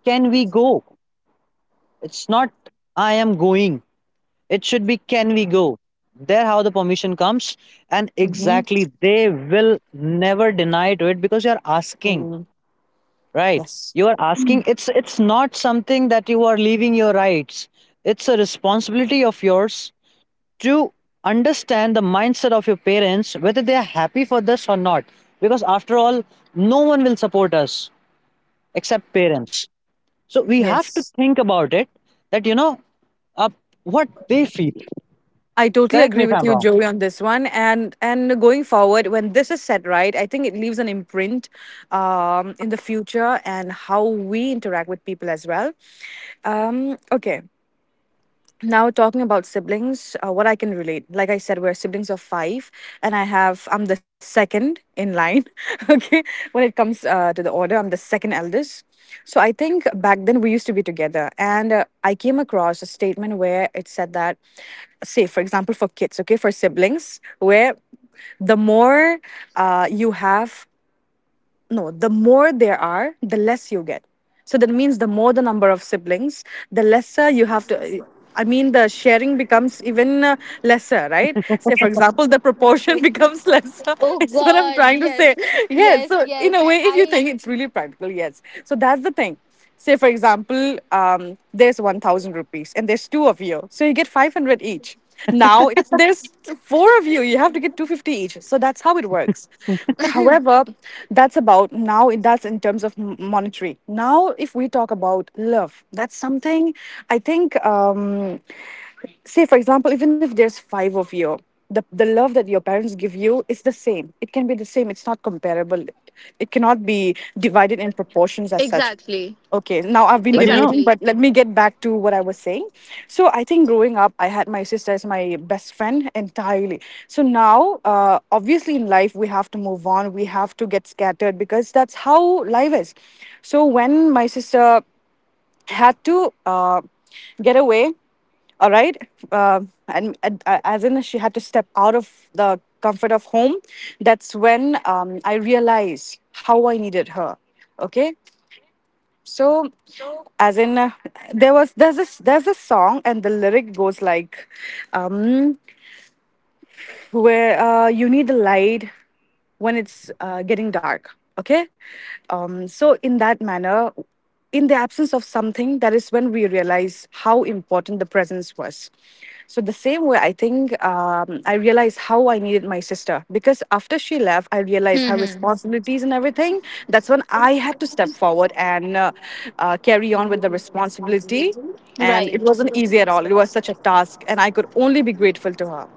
[SPEAKER 1] can we go? It's not I am going. It should be, can we go? There how the permission comes, and
[SPEAKER 2] Hmm.
[SPEAKER 1] exactly they will never deny to it because you are asking, right?
[SPEAKER 2] Yes.
[SPEAKER 1] You are asking, it's not something that you are leaving your rights. It's a responsibility of yours to understand the mindset of your parents, whether they are happy for this or not, because after all no one will support us except parents. So we have to
[SPEAKER 2] Yes.
[SPEAKER 1] think about it, that you know, uh, what they feel.
[SPEAKER 2] I totally
[SPEAKER 1] Correct me
[SPEAKER 2] agree
[SPEAKER 1] if
[SPEAKER 2] with
[SPEAKER 1] I'm
[SPEAKER 2] you,
[SPEAKER 1] wrong.
[SPEAKER 2] Joey, on this one. And going forward, when this is set right, I think it leaves an imprint in the future and how we interact with people as well. Okay, now talking about siblings, what I can relate, like I said, we're siblings of five, and I'm the second in line. Okay, when it comes to the order, I'm the second eldest. So I think back then we used to be together, and I came across a statement where it said that, say for example, for kids, okay, for siblings where the more you have no, the more there are, the less you get. So that means the more the number of siblings, the lesser you have to. I mean, the sharing becomes even lesser, right? Say, for example, the proportion becomes lesser.
[SPEAKER 4] Oh
[SPEAKER 2] It's what I'm
[SPEAKER 4] god.
[SPEAKER 2] trying to
[SPEAKER 4] Yes.
[SPEAKER 2] say. Yes.
[SPEAKER 4] Yes.
[SPEAKER 2] So,
[SPEAKER 4] Yes.
[SPEAKER 2] in a way, if you think,
[SPEAKER 4] I...
[SPEAKER 2] it's really practical, yes. So, that's the thing. Say, for example, there's 1,000 rupees and there's two of you. So you get 500 each. Now, if there's four of you, you have to get 250 each. So that's how it works. However, that's about now, that's in terms of monetary. Now, if we talk about love, that's something, I think. Say for example even if there's five of you, the love that your parents give you is the same, it can be the same, it's not comparable, it cannot be divided in proportions as such.
[SPEAKER 4] Exactly.
[SPEAKER 2] Okay, now I've been
[SPEAKER 1] But you know,
[SPEAKER 2] deviating,
[SPEAKER 4] Exactly.
[SPEAKER 2] but let me get back to what I was saying. So I think growing up I had my sister as my best friend entirely. So now, obviously in life we have to move on, we have to get scattered because that's how life is. So when my sister had to get away, all right, uh, and as in she had to step out of the comfort of home, that's when I realized how I needed her. Okay, so as in, there's a song and the lyric goes like, um where you need the light when it's getting dark. Okay, so in that manner, in the absence of something, that is when we realize how important the presence was. So the same way, I think I realized how I needed my sister, because after she left, I realized her responsibilities and everything. That's when I had to step forward and carry on with the responsibility. And it
[SPEAKER 4] Right.
[SPEAKER 2] wasn't easy at all. It was such a task, and I could only be grateful to her.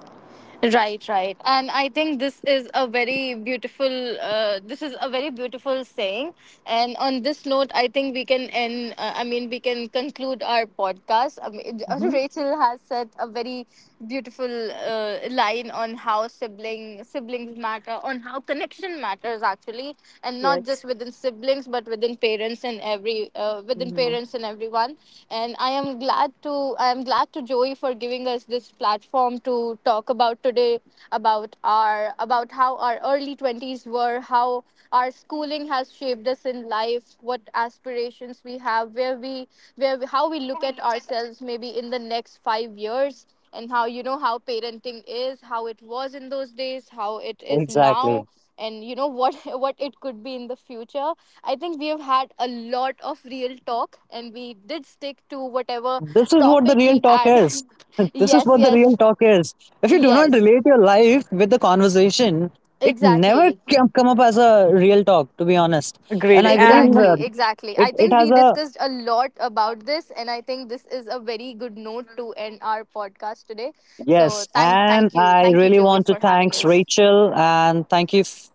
[SPEAKER 4] Right, right. And I think this is a very beautiful, this is a very beautiful saying. And on this note, I think we can end, I mean, we can conclude our podcast. I mean,
[SPEAKER 2] Hmm.
[SPEAKER 4] Rachel has said a very beautiful line on how sibling, siblings matter, on how connection matters actually, and not just
[SPEAKER 2] Yes.
[SPEAKER 4] within siblings, but within parents and every, within
[SPEAKER 2] Hmm.
[SPEAKER 4] parents and everyone. And I am glad to, I am glad to Joey for giving us this platform to talk about today, about our, about how our early 20s were, how our schooling has shaped us in life, what aspirations we have, how we look at ourselves maybe in the next 5 years, and how, you know, how parenting is, how it was in those days, how it is now,
[SPEAKER 1] exactly.
[SPEAKER 4] and you know what, what it could be in the future. I think we have had a lot of real talk, and we did stick to whatever
[SPEAKER 1] This is what the
[SPEAKER 4] topic
[SPEAKER 1] real
[SPEAKER 4] we
[SPEAKER 1] talk
[SPEAKER 4] had.
[SPEAKER 1] is. This is
[SPEAKER 4] yes,
[SPEAKER 1] what the real
[SPEAKER 4] yes.
[SPEAKER 1] talk is. If you do not
[SPEAKER 4] Yes,
[SPEAKER 1] relate your life with the conversation, it never
[SPEAKER 4] exactly.
[SPEAKER 1] can come up as a real talk, to be honest.
[SPEAKER 2] Agreed.
[SPEAKER 1] And I believe
[SPEAKER 2] And
[SPEAKER 4] Exactly, exactly.
[SPEAKER 1] it,
[SPEAKER 4] I
[SPEAKER 1] it
[SPEAKER 4] think
[SPEAKER 1] has
[SPEAKER 4] we
[SPEAKER 1] a,
[SPEAKER 4] discussed a lot about this, and I think this is a very good note to end our podcast today. So
[SPEAKER 1] yes.
[SPEAKER 4] thank
[SPEAKER 1] And
[SPEAKER 4] thank you.
[SPEAKER 1] I
[SPEAKER 4] Thank you,
[SPEAKER 1] really
[SPEAKER 4] Joey,
[SPEAKER 1] want to
[SPEAKER 4] for having
[SPEAKER 1] thanks
[SPEAKER 4] us.
[SPEAKER 1] Rachel and thank you, f-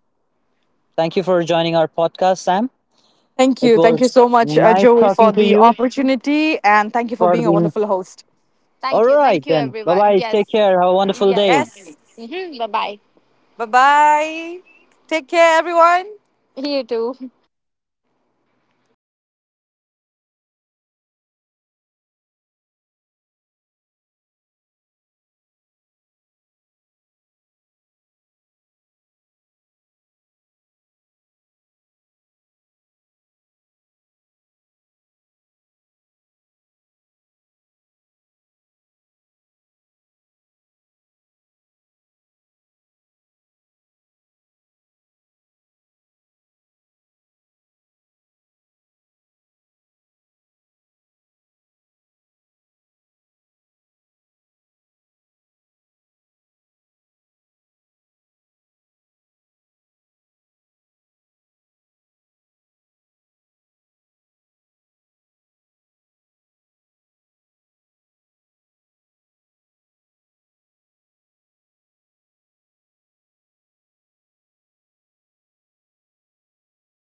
[SPEAKER 1] thank you for joining our podcast, Sam.
[SPEAKER 2] thank
[SPEAKER 1] It
[SPEAKER 2] you. Thank you
[SPEAKER 1] was
[SPEAKER 2] so much,
[SPEAKER 1] nice
[SPEAKER 2] Joey, for
[SPEAKER 1] talking to
[SPEAKER 2] the
[SPEAKER 1] you.
[SPEAKER 2] opportunity. And thank you for
[SPEAKER 1] For
[SPEAKER 2] being a
[SPEAKER 1] the,
[SPEAKER 2] wonderful host.
[SPEAKER 1] all
[SPEAKER 4] Thank you.
[SPEAKER 1] right
[SPEAKER 4] Thank you,
[SPEAKER 1] then. Bye
[SPEAKER 4] everyone.
[SPEAKER 1] bye. Take
[SPEAKER 4] Yes.
[SPEAKER 1] care. Have a wonderful day.
[SPEAKER 4] Yes.
[SPEAKER 2] Yes.
[SPEAKER 4] Mhm. Bye-bye.
[SPEAKER 2] Bye bye. Take care, everyone.
[SPEAKER 4] You too.